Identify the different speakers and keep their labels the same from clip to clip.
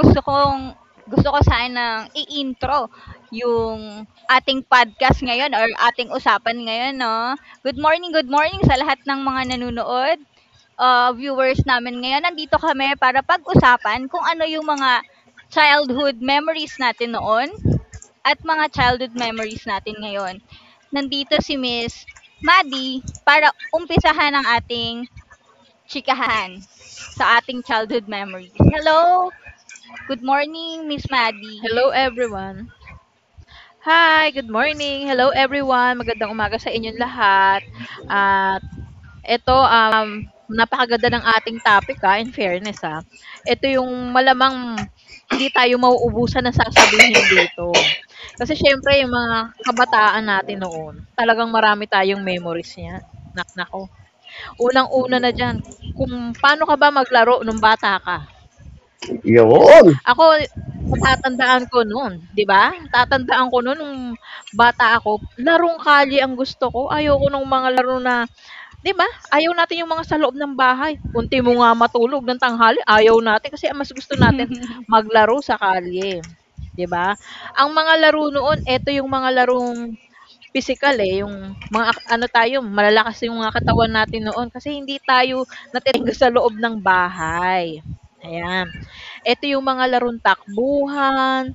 Speaker 1: Gusto ko sanang i-intro yung ating podcast ngayon or ating usapan ngayon, no? Good morning sa lahat ng mga nanonood, viewers namin ngayon. Nandito kami para pag-usapan kung ano yung mga childhood memories natin noon at mga childhood memories natin ngayon. Nandito si Miss Maddie para umpisahan ang ating chikahan sa ating childhood memories. Hello! Good morning, Miss Maddie.
Speaker 2: Hello everyone. Hi, good morning. Hello everyone. Magandang umaga sa inyong lahat. At eto, napakaganda ng ating topic, in fairness, ah. Eto yung malamang hindi tayo mauubusan ng sasabihin dito. Kasi siyempre yung mga kabataan natin noon, talagang marami tayong memories niyan. Nako. Unang-una na diyan kung paano ka ba maglaro nung bata ka. Yan.
Speaker 3: Yun.
Speaker 2: Ako, natatandaan ko no'n, 'di ba? Natatandaan ko no'n nung bata ako, larong kalye ang gusto ko. Ayoko nung mga laro na 'di ba, ayaw natin yung mga sa loob ng bahay. Unti mo nga matulog ng tanghali, ayaw natin kasi ang mas gusto natin maglaro sa kalye, 'di ba? Ang mga laro noon, eto yung mga larong physical eh, yung mga ano tayo, malalakas yung mga katawan natin noon kasi hindi tayo natetengga sa loob ng bahay, ayan. Eto yung mga larong takbuhan,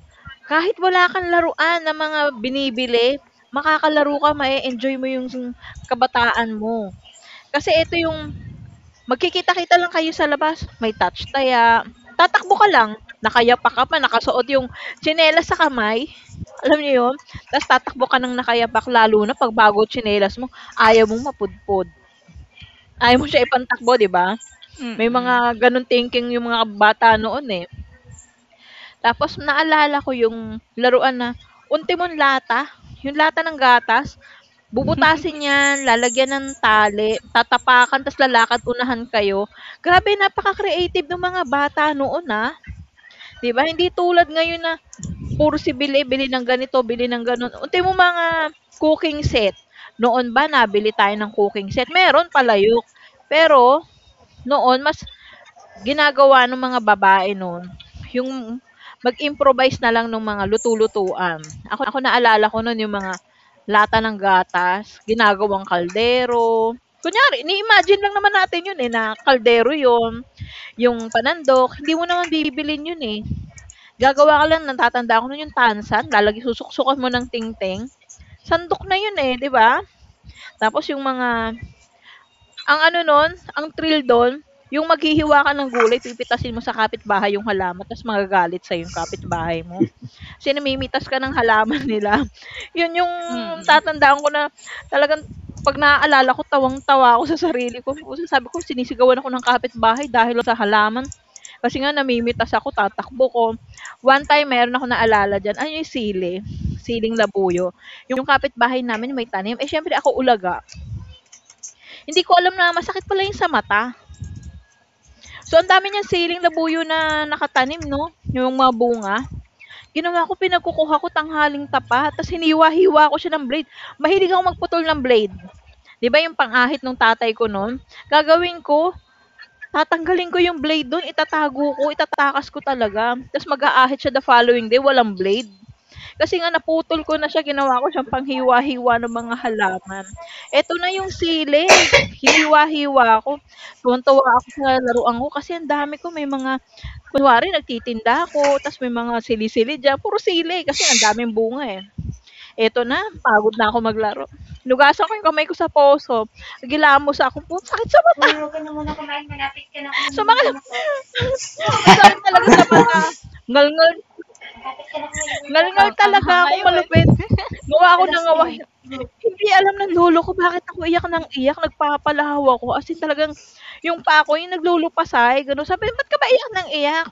Speaker 2: kahit wala kang laruan na mga binibili, makakalaro ka, ma-e-enjoy mo yung kabataan mo. Kasi eto yung magkikita-kita lang kayo sa labas, may touch taya, tatakbo ka lang, nakayapa ka pa, nakasuot yung tsinelas sa kamay, alam niyo yun? Ta's tatakbo ka ng nakayapak lalo na 'pag bago tsinelas mo, ayaw mong mapudpod, ayaw mo siya ipantakbo, 'di ba? May mga
Speaker 1: Mm.
Speaker 2: gano'ng thinking yung mga bata noon, eh. Tapos naalala ko yung laruan na untimong lata, yung lata ng gatas, bubutasin 'yan, lalagyan ng tali, tatapakan tapos lalakad unahan kayo. Grabe napaka-creative nung mga bata noon, ah, 'di ba? Hindi tulad ngayon na puro si bili, bili ng ganito, bili ng gano'n. Ultimong mga cooking set, noon ba nabili tayo ng cooking set? Meron palayok, pero noon mas ginagawa nung mga babae noon, yung mag-improvise na lang nung mga lutu-lutuan. Ako naalala ko nun yung mga lata ng gatas, ginagawang kaldero. Kunyari ini-imagine lang naman natin yun, eh, na kaldero yun, yung panandok, hindi mo naman bibilin yun, eh. Gagawa ka lang natatandaan ko nun yung tansan lalagyan susuksukan mo ng tingting, sandok na yun, eh, 'di ba? Tapos yung mga ang ano nun, ang thrill dun, yung maghihiwa ka ng gulay pipitasin mo sa kapitbahay yung halaman ta's magagalit sa yung kapitbahay mo, kasi namimitas ka ng halaman nila. Yun yung
Speaker 1: Mm.
Speaker 2: tatandaan ko na talagang 'pag naaalala ko tawang-tawa ako sa sarili ko, pusa sabi ko sinisigawan ako ng kapitbahay dahil lang sa halaman, kasi nga namimitas ako tatakbo ko. One time meron akong naalala diyan, ano yung siling labuyo, yung kapitbahay namin may tanim, eh, siyempre ako ulaga, hindi ko alam na masakit pala yung sa mata. So, ang dami niyang siling labuyo na nakatanim 'no, yung mga bunga. Ginawa ko pinagkukuha ko tanghaling tapa tapos hiniwa-hiwa ko siya ng blade. Mahilig akong magputol ng blade. 'Di ba yung pangahit ahit nung tatay ko nun, gagawin ko, tatanggalin ko yung blade dun, itatago ko, itatakas ko talaga, tapos mag-aahit siya the following day walang blade. Kasi nga naputol ko na siya ginawa ko siyang panghiwa-hiwa ng mga halaman. Eto na yung sili, hiniwa-hiwa ko. Tuwang-tuwa ako sa laruan ko kasi ang dami ko, may mga kunwari nagtitinda ako ta's may mga sili-sili diyan, puro sili kasi ang daming bunga, eh. Eto na, pagod na ako maglaro, hinugasan ko yung kamay ko sa poso, gilamos ako, po sakit sa mata, sumakit ang sakit talaga sa mata. Ngalngal ngalngal
Speaker 1: Ang
Speaker 2: talaga
Speaker 1: anghang
Speaker 2: akong
Speaker 1: ngayon,
Speaker 2: malupit, ngawa ako ng ngawa. Hindi alam ng lolo ko bakit ako iyak ng iyak, nagpapalahaw ako as in talagang yung paa ko yung naglulupasay gano'n. Sabi niya, "Ba't ka ba iyak ng iyak?"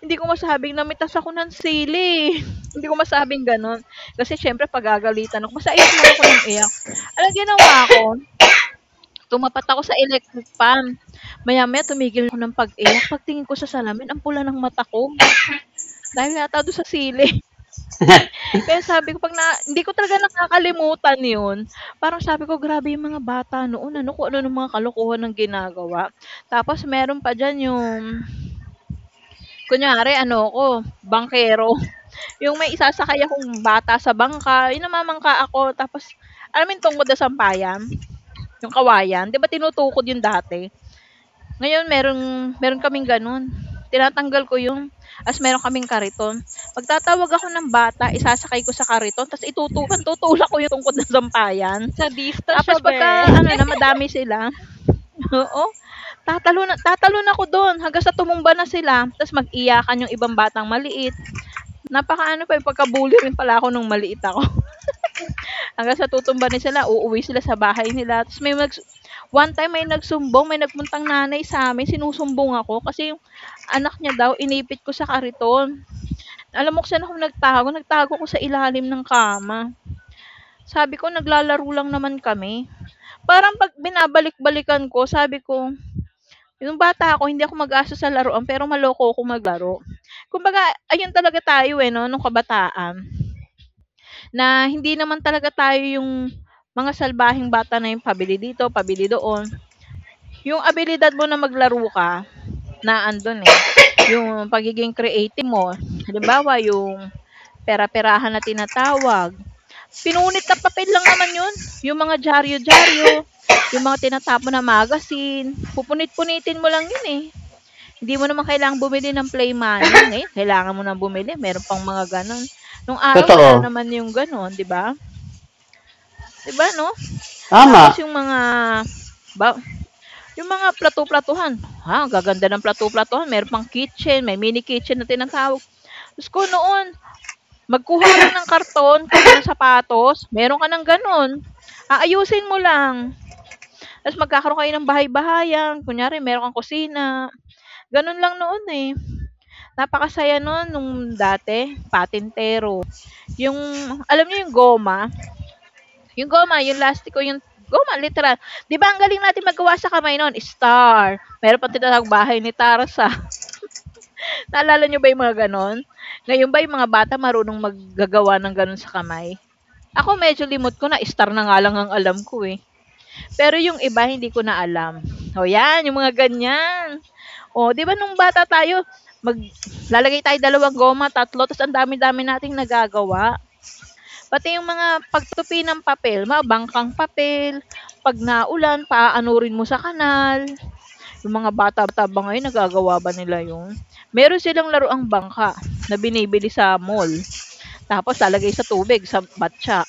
Speaker 2: Hindi ko masabing namitas ako ng sili, hindi ko masabing gano'n. Kasi siyempre pagagalitan ako basta iyak lang ako ng iyak. Anong ginawa ko, tumapat ako sa electric fan, maya-maya tumigil na ako ng pag-iyak, pagtingin ko sa salamin ang pula ng mata ko dahil yata do'n sa sili. Kaya sabi ko 'pag na hindi ko talaga nakakalimutan 'yun. Parang sabi ko, "Grabe yung mga bata noon ano, kung ano-anong mga kalokohan ang ginagawa." Tapos meron pa diyan yung kunyari ano ako, bangkero, yung may isasakay akong bata sa bangka, yung namamangka ako tapos alam mo yung tungkod na sampayan, yung kawayan, 'di ba tinutukod 'yun dati? Ngayon meron kaming gano'n, tinatanggal ko yung meron kaming kariton. Magtatawag ako ng bata, isasakay ko sa kariton ta's tutulak ko 'yung tungkod ng sampayan.
Speaker 1: sadista siya
Speaker 2: Tapos
Speaker 1: be.
Speaker 2: pagka ano na madami sila, oo, tatalon ako do'n hanggang sa tumumba na sila ta's mag-iyakan 'yung ibang batang maliit. Napakaano pa, eh, pagka-bully rin pala ako nung maliit ako hanggang sa tutumba na sila, uuwi sila sa bahay nila ta's may one time may nagsumbong, may nagpuntang nanay sa'min, sinusumbong ako kasi anak niya daw inipit ko sa kariton. Alam mo kung saan ako nagtago? Nagtago ko sa ilalim ng kama. Sabi ko, naglalaro lang naman kami. Parang pag binabalik-balikan ko, sabi ko, yung bata ako, hindi ako mag-aso sa laruan, pero maloko ako maglaro. Kumbaga, ayun talaga tayo eh, no, nung kabataan. Na hindi naman talaga tayo yung mga salbahing bata na yung pabili dito, pabili doon. Yung abilidad mo na maglaro ka, na andun eh. Yung pagiging creative mo. Halimbawa, yung pera-perahan na tinatawag. Pinunit na papel lang naman yun. Yung mga dyaryo-dyaryo, yung mga tinatapon na magazine, pupunit-punitin mo lang yun eh. Hindi mo naman kailangang bumili ng play money. Ngayon, kailangan mo nang bumili. Meron pang mga ganon. Nung araw, wala
Speaker 3: Totoo.
Speaker 2: naman yung ganon, di ba? Di ba, no? Tapos
Speaker 3: Tama.
Speaker 2: yung mga ba, yung mga plato-platuhan, ha, ang gaganda ng plato-platuhan, meron pang kitchen, may mini kitchen na tinatawag. Diyos ko noon, magkuha ka lang ng karton, karton ng sapatos, meron ka ng gano'n. Aayusin mo lang, ta's magkakaroon kayo ng bahay-bahayan, kunyari meron kang kusina, gano'n lang noon, eh. Napakasaya no'n nung dati, patintero. Yung alam niyo yung goma? Yung goma, yung lastiko, yung goma literal. 'Di ba ang galing natin maggawa sa kamay no'n, star, meron pang tinatawag bahay ni Tarsa, naalala niyo ba yung mga gano'n? Ngayon ba yung mga bata marunong maggagawa ng gano'n sa kamay? Ako medyo limot ko na star na nga lang ang alam ko, eh. Pero yung iba hindi ko na alam. O 'yan yung mga ganyan. O 'di ba nung bata tayo mag lalagay tayo dalawang goma, tatlo, tas ang dami-dami nating nagagawa. Pati yung mga pagtupi ng papel, mga bangkang papel, 'pag naulan paaanurin mo sa kanal. Yung mga bata ba ngayon nagagawa ba nila 'yun? Meron silang laruang bangka na binibili sa mall, tapos lalagay sa tubig sa batya.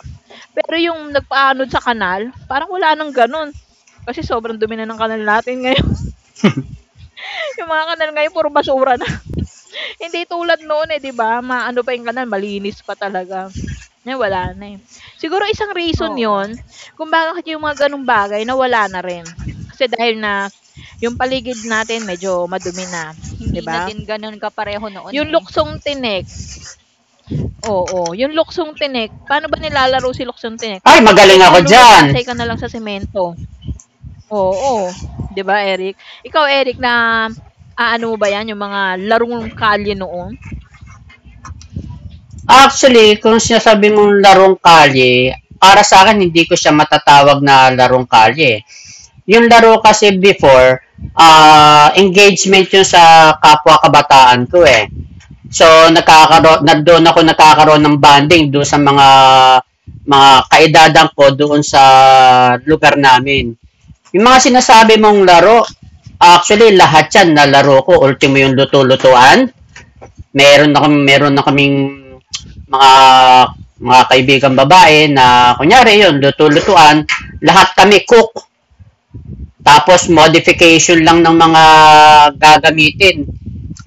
Speaker 2: Pero yung nagpaanod sa kanal, parang wala nang gano'n. Kasi sobrang dumi na ng kanal natin ngayon. Yung mga kanal ngayon puro basura na. Hindi tulad noon eh, 'di ba? Maano pa yung kanal, malinis pa talaga. Ngayon wala na eh. Siguro isang reason
Speaker 1: Oo,
Speaker 2: 'yon kung bakit yung mga gano'ng bagay nawala na rin. Kasi dahil na yung paligid natin medyo madumi na, 'di
Speaker 1: hindi na
Speaker 2: ba?
Speaker 1: din gano'n kapareho noon,
Speaker 2: Yung
Speaker 1: eh.
Speaker 2: luksong tinik, oo, yung luksong tinik, paano ba nilalaro si luksong tinik?
Speaker 3: Ay, magaling
Speaker 2: Eto
Speaker 3: ako
Speaker 2: yung
Speaker 3: dyan.
Speaker 2: lulupasay ka na lang sa semento. Oo, 'di ba, Eric? Ikaw, Eric, na-aano mo ba 'yan, yung mga larong kalye noon?
Speaker 3: Actually, kung sinasabi mong larong kalye, para sa akin, hindi ko siya matatawag na larong kalye. Yung laro kasi before, engagement yun sa kapwa kabataan ko eh. So, nakakaroon, doon ako nakakaroon
Speaker 2: Mm.
Speaker 3: ng bonding doon sa mga kaedadan ko doon sa lugar namin. Yung mga sinasabi mong laro, actually lahat yan na laro ko, ultimo yung luto-lutuan. Meron na, meron na kaming mga mga kaibigan babae na kunyari yun, luto-lutuan, lahat kami cook. Tapos modification lang ng mga gagamitin.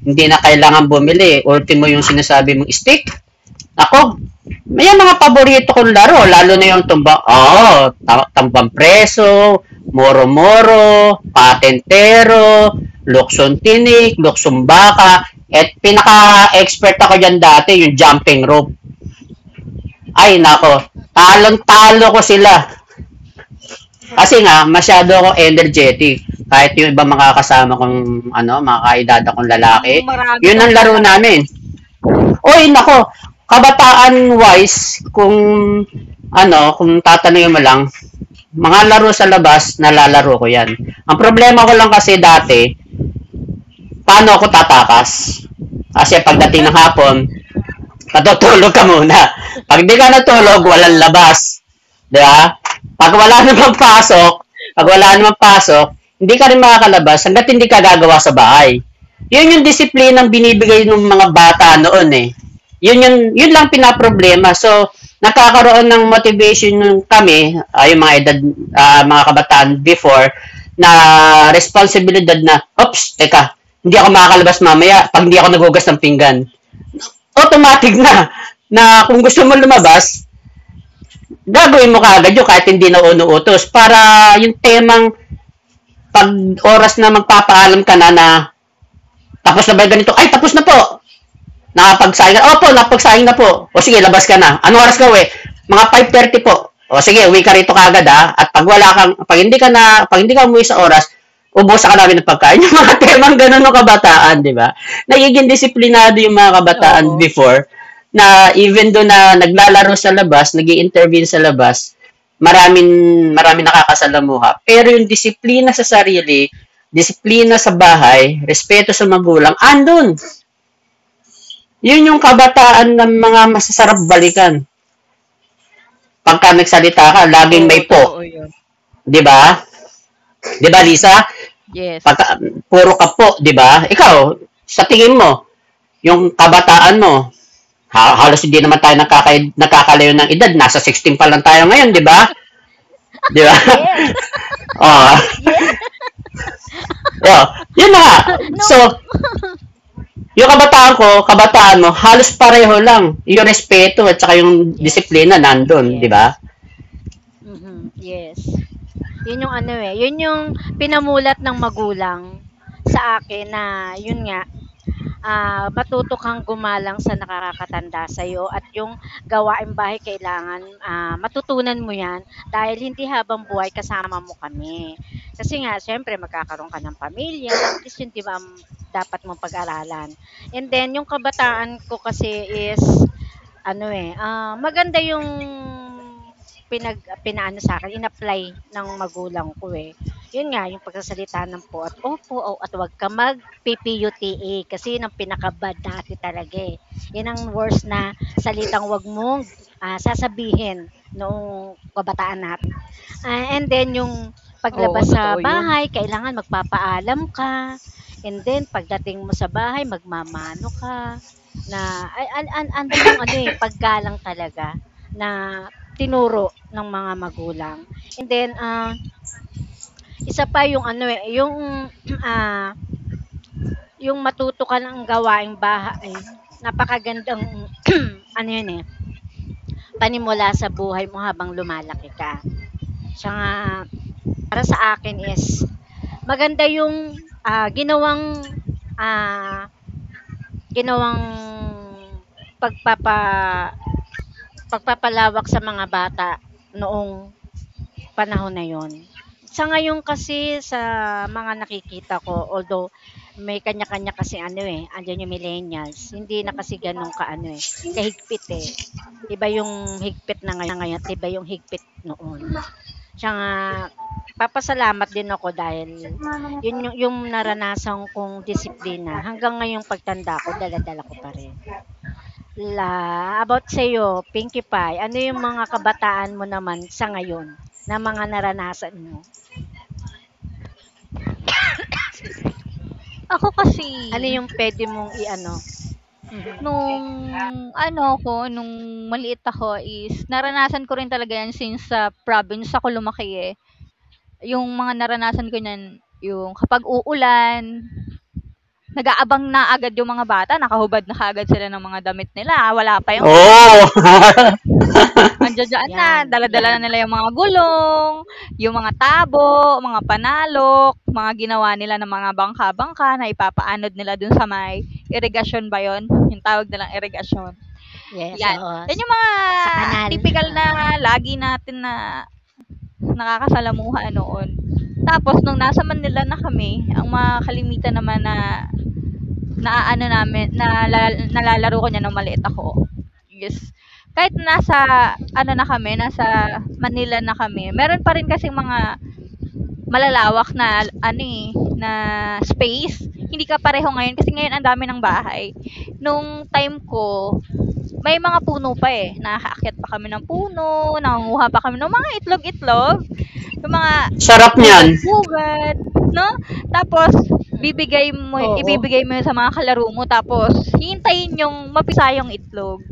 Speaker 3: Hindi na kailangan bumili. Ultimo yung sinasabi mong steak, ako, may mga
Speaker 4: Mm,
Speaker 3: paborito kong
Speaker 4: yung
Speaker 3: laro, lalo
Speaker 4: sandok.
Speaker 3: na yung tumbang, tambang preso, moro-moro, patentero, luksong tinik, luksong baka, at pinaka-expert ako dyan dati, yung jumping rope. Ay, nako, talong-talo ko sila. Kasi nga, masyado ako energetic. Kahit yung iba mga kasama kong, ano, mga kaedad akong
Speaker 1: Mukhang
Speaker 3: lalaki,
Speaker 1: marami
Speaker 3: yun
Speaker 1: 'tong
Speaker 3: ang laro
Speaker 1: nalaro.
Speaker 3: namin. Oy, nako, kabataan-wise, kung ano, kung tatanungin mo lang, mga laro sa labas, nalalaro ko yan. Ang problema ko lang
Speaker 1: Mm,
Speaker 3: kasi dati, paano ako tatakas? Kasi pagdating ng hapon, natutulog ka muna. Pag di ka natulog, walang
Speaker 1: oo,
Speaker 3: labas. Di ba? Pag wala
Speaker 4: Yes,
Speaker 3: namang
Speaker 1: mm.
Speaker 3: pasok, pag wala
Speaker 2: Oo,
Speaker 3: namang pasok, hindi ka rin makakalabas hanggat hindi ka gagawa sa bahay. Yun yung disiplina ng binibigay ng
Speaker 4: yes.
Speaker 3: mga bata noon eh. Yun, yun, yun lang pinaproblema. So, nakakaroon ng motivation yung kami, yung mga edad, mga kabataan before, na responsibilidad na, oops, teka, hindi ako makakalabas mamaya pag hindi ako nagugas ng pinggan automatic na na kung gusto mo lumabas, gagawin mo
Speaker 4: Gawin
Speaker 3: kaagad
Speaker 4: mo.
Speaker 3: yun kahit hindi na unuutos para yung temang pag oras na magpapaalam ka na na tapos na ba ganito? Ay, tapos na po! Nakapagsaing na? Opo, napagsaing na po. O sige, labas ka na. Anong oras ka uwi? Mga 5:30 po. O sige, uwi ka rito kagad ha. At pag wala kang, pag hindi ka na, pag hindi ka umuwi sa oras, ubusa ka namin ng pagkain. Yung mga temang ganun ng kabataan, di ba? Nagiging disiplinado yung mga kabataan
Speaker 2: oo,
Speaker 3: before na even do na naglalaro sa labas, nag intervene sa labas, maraming maraming nakakasalamuha. Pero yung disiplina sa sarili, disiplina sa bahay, respeto sa magulang, andun. Yun yung kabataan ng mga masasarap balikan. Pagka nagsalita ka, laging
Speaker 2: oo,
Speaker 3: may po.
Speaker 2: totoo 'yun.
Speaker 3: Di ba? Di ba, Lisa?
Speaker 2: Mm. Yes.
Speaker 3: Pagka, puro ka po, di ba? Ikaw, sa tingin mo, yung kabataan mo, halos hindi naman tayo
Speaker 4: Mhm.
Speaker 3: nakakalayo ng edad. Nasa 16 pa lang tayo ngayon, di ba? Di ba?
Speaker 4: Yes,
Speaker 3: oh,
Speaker 4: yeah,
Speaker 3: yun, yun na.
Speaker 4: nung
Speaker 3: So, yung kabataan ko, kabataan mo, halos pareho lang. Yung respeto at saka yung
Speaker 4: yes,
Speaker 3: disiplina nandun, di ba?
Speaker 4: yes. Mhm, yes. Yun yung ano eh, yun yung pinamulat ng magulang sa akin na yun nga, ah, matuto kang gumalang sa nakakatanda sa'yo at yung gawain bahay kailangan, ah, matutunan mo 'yan dahil hindi habang buhay kasama mo kami. Kasi nga siyempre magkakaroon ka ng pamilya, at least yun 'di ba, ang dapat mong pag-aralan. And then yung kabataan ko kasi is ano, eh, ah, maganda yung pinaano sa'kin, in-apply ng magulang ko, eh. Yun nga, yung pagsasalita ng po at opo o at wag kang mag-PPUTA kasi yun ang pinaka-bad dati talaga, eh. Yun ang worst na salitang wag mong, ah, sasabihin noong kabataan natin. Ah, and then yung
Speaker 2: Oo,
Speaker 4: paglabas sa
Speaker 2: totoo 'yun.
Speaker 4: bahay kailangan magpapaalam ka and then pagdating mo sa bahay magmamano ka. Na ay an andun yung ano, eh, paggalang talaga na tinuro ng mga magulang. And then, ah, isa pa yung ano, eh, yung, ah, yung matuto ka ng gawaing bahay, napakagandang ano yun, eh, panimula sa buhay mo habang lumalaki ka. Siya nga para sa akin is maganda yung, ah, ginawang, ah, ginawang pagpapa Pagpapalawak sa mga bata noong panahon na yun. Sa ngayon kasi sa mga nakikita ko although may kanya-kanya kasi ano, eh, andiyan yung millennials, hindi na kasi gano'n ka-ano, eh, kahigpit, eh. Iba yung higpit na ngayon at iba yung higpit noon. Siya nga papasalamat din ako dahil yun yung naranasan kong disiplina hanggang ngayong pagtanda ko dala-dala ko pa rin. La, about sa'yo, Pinkie Pie, ano yung mga kabataan mo naman sa ngayon na mga naranasan mo?
Speaker 1: Ako kasi,
Speaker 4: Ano yung puwede mong i-ano mhm,
Speaker 1: nung ano ko nung maliit ako is naranasan ko rin talaga 'yan since sa province ako lumaki, eh. Yung mga naranasan ko niyan, yung kapag uulan, nag-aabang na agad yung mga bata, nakahubad na kaagad sila ng mga damit nila. Ah, wala pa yung ulan ha,
Speaker 3: Oo.
Speaker 1: andiya-diyan na,
Speaker 4: 'yan,
Speaker 1: dala-dala na
Speaker 4: 'yan.
Speaker 1: nila yung mga gulong, yung mga tabo, mga panalok, mga ginawa nila ng mga bangka-bangka na ipapaanod nila dun sa may irrigation ba yun? Yung tawag nilang irigasyon,
Speaker 4: Yes,
Speaker 1: 'yan.
Speaker 4: oo,
Speaker 1: 'Yan
Speaker 4: S-
Speaker 1: yung mga
Speaker 4: sa kanal,
Speaker 1: tipikal
Speaker 4: oo.
Speaker 1: na lagi natin na nakakasalamuha noon. Tapos nung nasa Manila na kami, ang mga kalimitan naman na naaano namin nalalaro ko niya nung maliit ako, yes. Kahit nasa ano na kami, nasa Manila na kami, meron pa rin kasing mga malalawak na ano, eh, na space. Hindi kapareho ngayon kasi ngayon ang dami ng bahay. Nung time ko, may mga puno pa, eh, nakakaakyat pa kami ng puno, nangunguha
Speaker 4: Mm,
Speaker 1: pa kami ng mga itlog-itlog. Yung mga
Speaker 3: Sarap niyan.
Speaker 4: mm, mm.
Speaker 1: pugad-pugad 'no, tapos bibigay mo
Speaker 2: Oo,
Speaker 4: Yes,
Speaker 1: ibibigay mo yun sa mga kalaro mo tapos hihintayin yung mapisa yung itlog,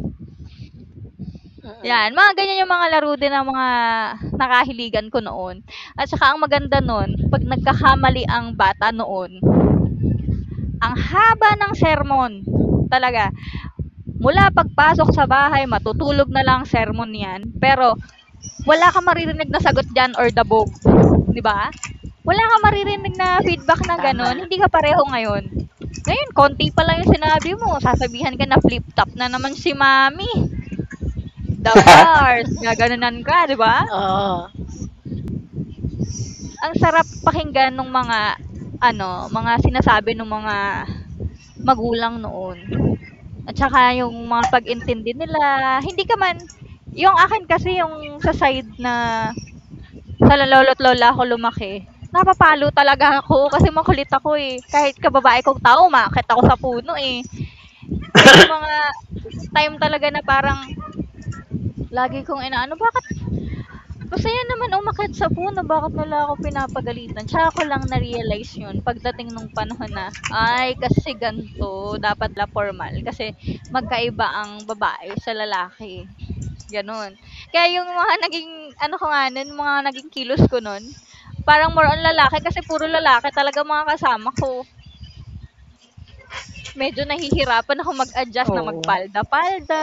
Speaker 4: mm,
Speaker 1: 'yan. Mga ganyan yung mga laro din ng mga nakahiligan ko noon at saka ang maganda noon, 'pag nagkakamali ang bata noon, ang haba ng sermon talaga. Mula pagpasok sa bahay matutulog na lang sermon 'yan, pero wala kang maririnig na sagot diyan or dabog, 'di ba? Wala kang maririnig
Speaker 4: mm.
Speaker 1: na feedback na
Speaker 4: Tama,
Speaker 1: gano'n, hindi ka pareho ngayon. Ngayon konti pa lang 'yung sinabi mo, sasabihan ka na flip top na naman si mami, the bars, gaganunan ka, 'di ba?
Speaker 4: oo.
Speaker 1: Ang sarap pakinggan ng mga ano, mga sinasabi ng mga magulang noon. At saka 'yung mga pag-intindi nila, hindi ka man 'yung akin kasi 'yung sa side na sa lolo't lola ko lumaki, napapalo talaga ako kasi makulit ako, eh. Kahit kababae kong tao umaakyat ako sa puno, eh. Yun yung mga time talaga na parang lagi kong inaano, bakit masaya naman umakyat sa puno, bakit nila ako pinapagalitan? Tsaka ko lang na-realize yun pagdating nung panahon na, ay kasi ganito dapat pala formal kasi magkaiba ang babae sa lalaki. Gano'n. Kaya yung mga naging ano ko nga nun, mga naging kilos ko nun, parang more on lalaki kasi puro lalaki talaga mga kasama ko. Medyo nahihirapan akong mag-adjust na
Speaker 2: oo,
Speaker 1: magpalda-palda,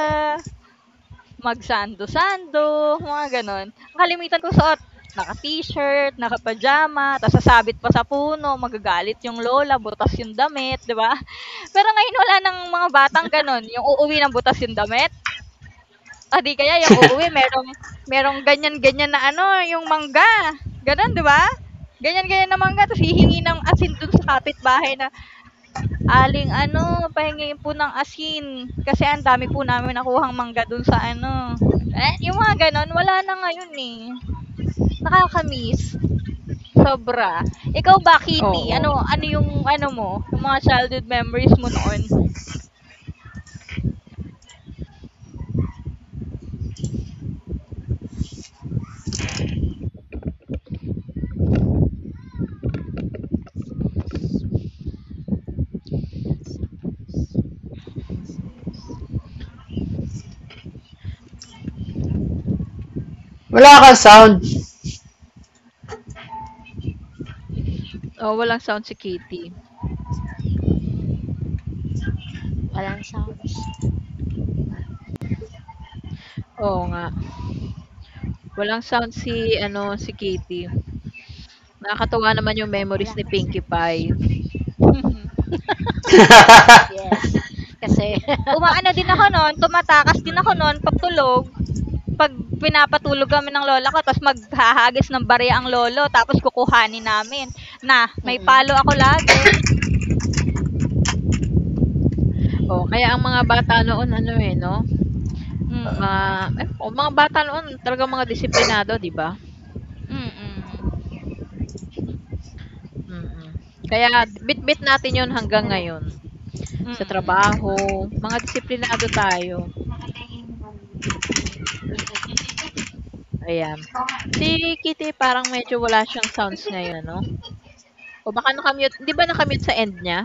Speaker 1: sando mga gano'n. Ang kalimitan ko suot, naka-t-shirt, naka-pajama, tas sasabit pa sa puno, magagalit yung lola, butas yung damit, 'di ba? Pero ngayon wala ng mga batang gano'n, yung uuwi ng butas yung damit. O, di kaya yung uuwi merong merong ganyan-ganyan na ano, yung mangga, gano'n, 'di ba? Ganyan-ganyan na mangga tapos hihingi ng asin dun sa kapitbahay na, "Aling ano, pahingiin po ng asin kasi ang dami po namin nakuhang mangga dun sa ano." Eh, yung mga gano'n wala na ngayon, eh. Nakaka sobra. Ikaw ba, Kitty,
Speaker 2: oo.
Speaker 1: ano ano yung ano mo, yung mga childhood memories mo noon?
Speaker 3: Wala kang sound.
Speaker 2: Oo, walang sound si Kitty.
Speaker 4: Walang sounds,
Speaker 2: Oo nga, walang sound si ano, si Kitty. Nakakatuwa naman yung memories
Speaker 4: wala
Speaker 2: ni
Speaker 4: kang
Speaker 2: Pinkie
Speaker 4: sounds.
Speaker 2: Pie.
Speaker 4: Yes, kasi
Speaker 1: Umaano din ako no'n, tumatakas din ako
Speaker 2: Mm.
Speaker 1: no'n 'pag tulog. 'Pag pinapatulog kami ng lola ko tapos maghahagis ng barya ang lolo tapos kukuhanin namin. Na, may palo
Speaker 4: mm,
Speaker 1: ako lagi.
Speaker 2: Oo, kaya ang mga bata noon ano, eh, 'no, mga,
Speaker 1: Mm,
Speaker 2: ay, oo, mga bata noon talagang mga disiplinado, 'di ba?
Speaker 1: mm,
Speaker 2: Mm. Kaya bitbit natin 'yun hanggang ngayon, sa
Speaker 1: mm.
Speaker 2: trabaho, mga disiplinado tayo, ayan. Si Kitty parang medyo wala siyang sounds ngayon ano? O baka naka-mute 'di ba naka-mute sa end niya?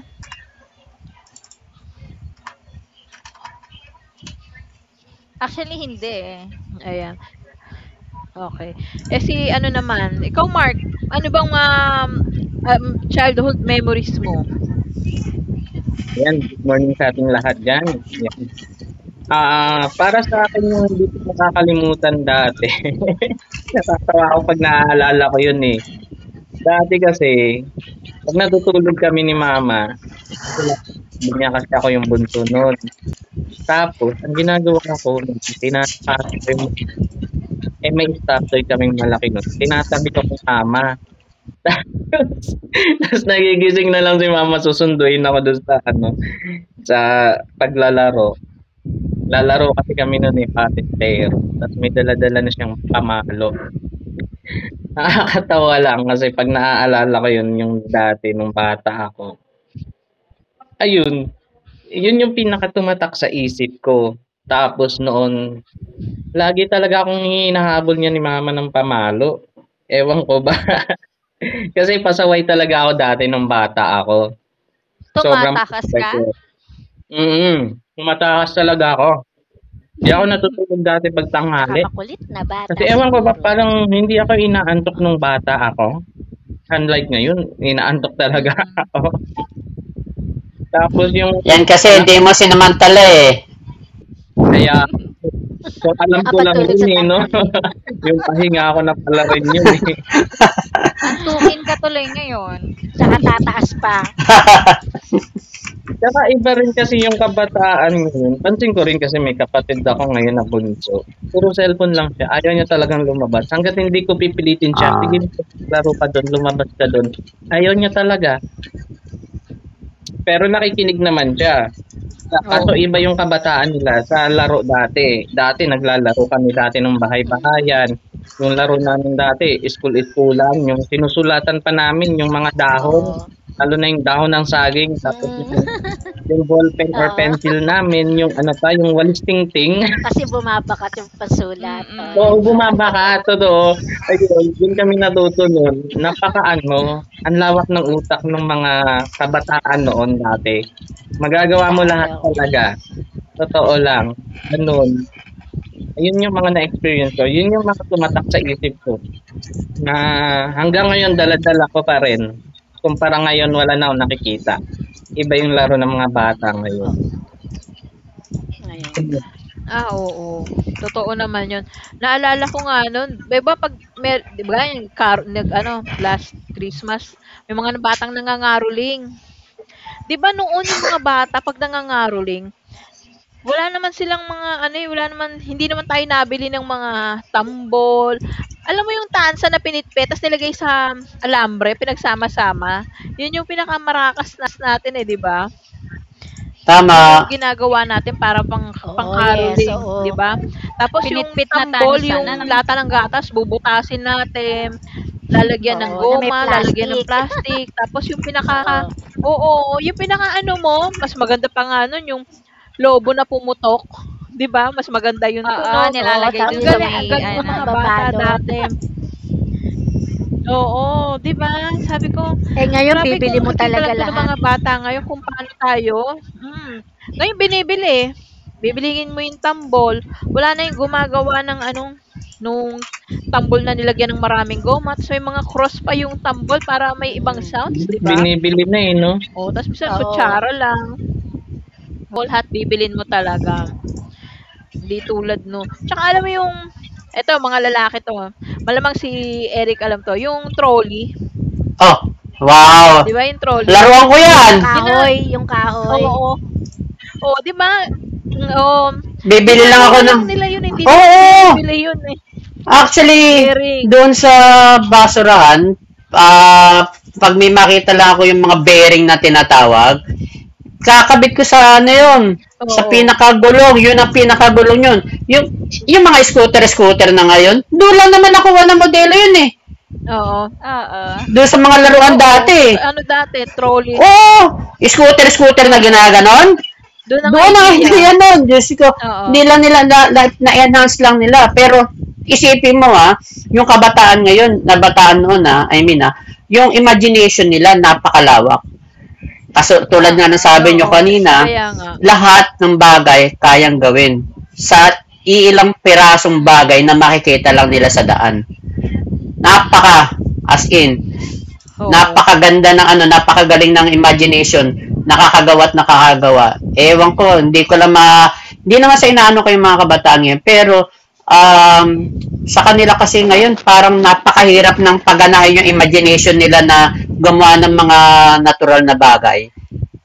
Speaker 1: Actually hindi, eh.
Speaker 2: Ayan, okey. Eh, si ano naman, ikaw Mark, ano bang, um, um, childhood memories mo?
Speaker 5: Ayan, good morning sa ating lahat diyan. Yan, para sa akin yung hindi ko makakalimutan dati, natatawa ako 'pag naaalala ko yun, eh. Dati kasi 'pag natutulog kami ni mama, kasi hindi niya kasi ako yung bunso nun. Tapos ang ginagawa ko tinataas ko yung may stoptoy kaming malaki nun, tinatabi ko kay mama. Tapos nagigising na lang si mama, susunduin ako doon sa ano, sa paglalaro. Lalaro kasi kami nun, eh, patintero ta's may dala-dala na siyang pamalo. Nakakatawa lang kasi 'pag naaalala ko yun, yung dati nung bata ako, ayun, yun yung pinakatumatak sa isip ko. Tapos noon, lagi talaga akong hinahabol niya ni mama ng pamalo, ewan ko ba kasi pasaway talaga ako dati nung bata ako, sobrang
Speaker 1: Tumatakas
Speaker 5: pasaway
Speaker 1: ka?
Speaker 5: ko. Tumataas talaga ako, 'di ako natutulog dati 'pag
Speaker 4: 'tsaka
Speaker 5: tanghali.
Speaker 4: makulit na
Speaker 5: Kasi
Speaker 4: bata
Speaker 5: ewan ko ba
Speaker 4: siguro,
Speaker 5: parang hindi ako inaantok nung
Speaker 4: oo.
Speaker 5: bata ako, unlike ngayon inaantok talaga
Speaker 1: Mm.
Speaker 5: ako. Tapos yung
Speaker 3: Yan kasi
Speaker 5: nak
Speaker 3: hindi mo sinamantala eh.
Speaker 5: kaya so alam
Speaker 4: Ang
Speaker 5: ko lang
Speaker 4: pagtulog
Speaker 5: rin,
Speaker 4: sa
Speaker 5: eh, 'no,
Speaker 4: tanghali,
Speaker 5: yung pahinga ko na pala rin yun, eh.
Speaker 1: Antukin ka tuloy ngayon.
Speaker 4: 'tsaka tataas pa.
Speaker 5: Tsaka iba rin kasi yung kabataan ngayon, pansin ko rin kasi may kapatid ako ngayon na bunso, puro cellphone lang siya, ayaw niya talagang lumabas hangga't hindi ko pipilitin siya, "Sige
Speaker 3: Ah,
Speaker 5: laro ka dun, lumabas ka dun." Ayaw niya talaga, pero nakikinig naman siya. Kaso
Speaker 2: Oo.
Speaker 5: iba yung kabataan nila sa laro dati. Dati naglalaro kami dati ng bahay-bahayan,
Speaker 4: Mm,
Speaker 5: yung laro namin dati iskul-iskulan, yung sinusulatan pa namin yung mga dahon,
Speaker 4: oo.
Speaker 5: lalo na yung dahon ng saging, tapos yung
Speaker 4: Mm,
Speaker 5: ballpen or
Speaker 4: oo.
Speaker 5: pencil namin yung ano pa, yung walis tingting.
Speaker 4: Kasi bumabakat yung pasulat, oh, 'di
Speaker 5: Oo,
Speaker 1: Mm.
Speaker 4: ba?
Speaker 5: bumaba ka, totoo. Ayun, dun kami natuto nun. Napakaano, ang lawak ng utak nung mga kabataan noon dati. Magagawa mo
Speaker 4: Daan
Speaker 5: lahat talaga.
Speaker 4: doon,
Speaker 5: Totoo lang, gano'n. Ayun yung mga na-experience ko, yun yung mga tumatak sa isip ko na hanggang ngayon dala-dala ko pa rin. Kumpara ngayon wala na akong nakikita, iba yung laro ng mga bata ngayon.
Speaker 4: oo, ngayon.
Speaker 2: Ah, oo. Totoo naman 'yun. Naalala ko nga no'n, 'di ba 'pag mer 'di ba yung nag-ano, last Christmas, may mga batang nangangaroling. 'Di ba noon yung mga bata 'pag nangangaroling, wala naman silang mga ano, eh, wala naman hindi naman tayo nabili ng mga tambol. Alam mo yung tansa na pinitpit ta's nilagay sa alambre, pinagsama-sama? 'Yun yung pinakamarakas natin, eh, 'di ba? Yun yung
Speaker 3: tama.
Speaker 2: ginagawa natin para
Speaker 4: Oo, yes,
Speaker 2: pang-caroling, 'di
Speaker 4: oo,
Speaker 2: ba? Tapos yung
Speaker 1: Pinitpit na
Speaker 2: tambol,
Speaker 1: tansan
Speaker 2: yung
Speaker 1: ano?
Speaker 4: yung
Speaker 2: lata ng gatas bubutasin natin, lalagyan ng
Speaker 4: oo, na may
Speaker 2: goma, lalagyan ng
Speaker 4: plastic,
Speaker 2: plastic, tapos yung
Speaker 4: oo.
Speaker 2: oo, yung pinakaano mo, mas maganda pa nga nun yung lobo na pumutok, 'di ba? Mas maganda yung
Speaker 1: Oo,
Speaker 2: tunog.
Speaker 4: Oo,
Speaker 1: nilalagay
Speaker 4: ta
Speaker 1: dun sa
Speaker 2: Ang
Speaker 4: ano
Speaker 1: may
Speaker 2: galing
Speaker 4: mo,
Speaker 2: ng mga
Speaker 1: ano,
Speaker 2: bata
Speaker 4: ibabalot.
Speaker 2: dati. Oo, 'di ba? Sabi ko
Speaker 4: Eh, ngayon
Speaker 2: grabe
Speaker 4: bibili
Speaker 2: kung
Speaker 4: mo
Speaker 2: makikita
Speaker 4: talaga
Speaker 2: lang 'to ng
Speaker 4: lahat,
Speaker 2: mga bata ngayon kung paano tayo mm, ngayon binibili. Bibilhin mo yung tambol, wala na yung gumagawa ng ano, nung tambol na nilagyan ng maraming goma tapos may mga cross pa yung tambol para may ibang
Speaker 4: mm.
Speaker 2: sounds, 'di ba?
Speaker 5: Binibili na, eh, 'no?
Speaker 2: Oo, tapos minsan
Speaker 4: Oo,
Speaker 2: kutsara lang. Oo, lahat bibilhin mo talaga. Hindi tulad no tsaka alam mo yung eto mga lalaki 'to, ah, malamang si Eric alam 'to, yung trolley,
Speaker 3: Oh, wow.
Speaker 2: 'di ba yung trolley?
Speaker 4: mhm.
Speaker 3: Laruan ko
Speaker 2: Gi
Speaker 3: yan.
Speaker 2: gina
Speaker 4: Yung kahoy,
Speaker 2: oo. Oh, 'di ba? Mm, um
Speaker 3: Bibili lang
Speaker 2: ginagawa
Speaker 3: ako
Speaker 2: lang
Speaker 3: ng...
Speaker 2: nila 'yun, hindi naman
Speaker 3: Oo!
Speaker 2: binibili 'yun, eh,
Speaker 3: Actually,
Speaker 2: bearing.
Speaker 3: doon sa basurahan, ah, uh, pag may makita lang ako yung mga bearing na tinatawag, kakabit ko sa ano yun,
Speaker 4: mm.
Speaker 3: sa
Speaker 2: Oo,
Speaker 3: pinakagulong, yun ang pinakagulong yun. Yung, yung mga scooter-scooter na ngayon, doon lang naman nakuha ng modelo yun eh.
Speaker 2: oo,
Speaker 1: oo,
Speaker 3: Doon sa mga laruan
Speaker 2: oo,
Speaker 3: dati eh.
Speaker 2: sa ano dati trolley,
Speaker 3: Oo, scooter-scooter na
Speaker 2: oo.
Speaker 3: ginaganon.
Speaker 2: Doon ang
Speaker 3: Doon ang
Speaker 2: idea,
Speaker 3: idea nun, Diyos ko.
Speaker 2: oo,
Speaker 3: Hindi lang nila, na, na- na-enhance lang nila. Pero isipin mo ha, yung kabataan ngayon, nabataan noon ha, I mean ha, yung imagination nila napakalawak. Kaso tulad nga ng
Speaker 1: oo,
Speaker 3: sabi nyo
Speaker 2: oo,
Speaker 4: Eh, sa
Speaker 3: kanina,
Speaker 2: kaya
Speaker 4: ngayon,
Speaker 2: nga,
Speaker 3: lahat ng bagay kayang gawin sa iilang pirasong bagay na
Speaker 4: mhm.
Speaker 3: makikita lang nila sa daan.
Speaker 1: mm,
Speaker 3: Napaka, as in,
Speaker 2: oo,
Speaker 3: napakaganda ng ano, napakagaling ng imagination, nakakagawa at nakakagawa. Ewan ko, hindi ko lang ma... Hindi naman sa inaano ko yung mga kabataan yun pero um, sa kanila kasi ngayon, parang napakahirap ng paganahin yung imagination nila na gumawa ng mga natural na bagay.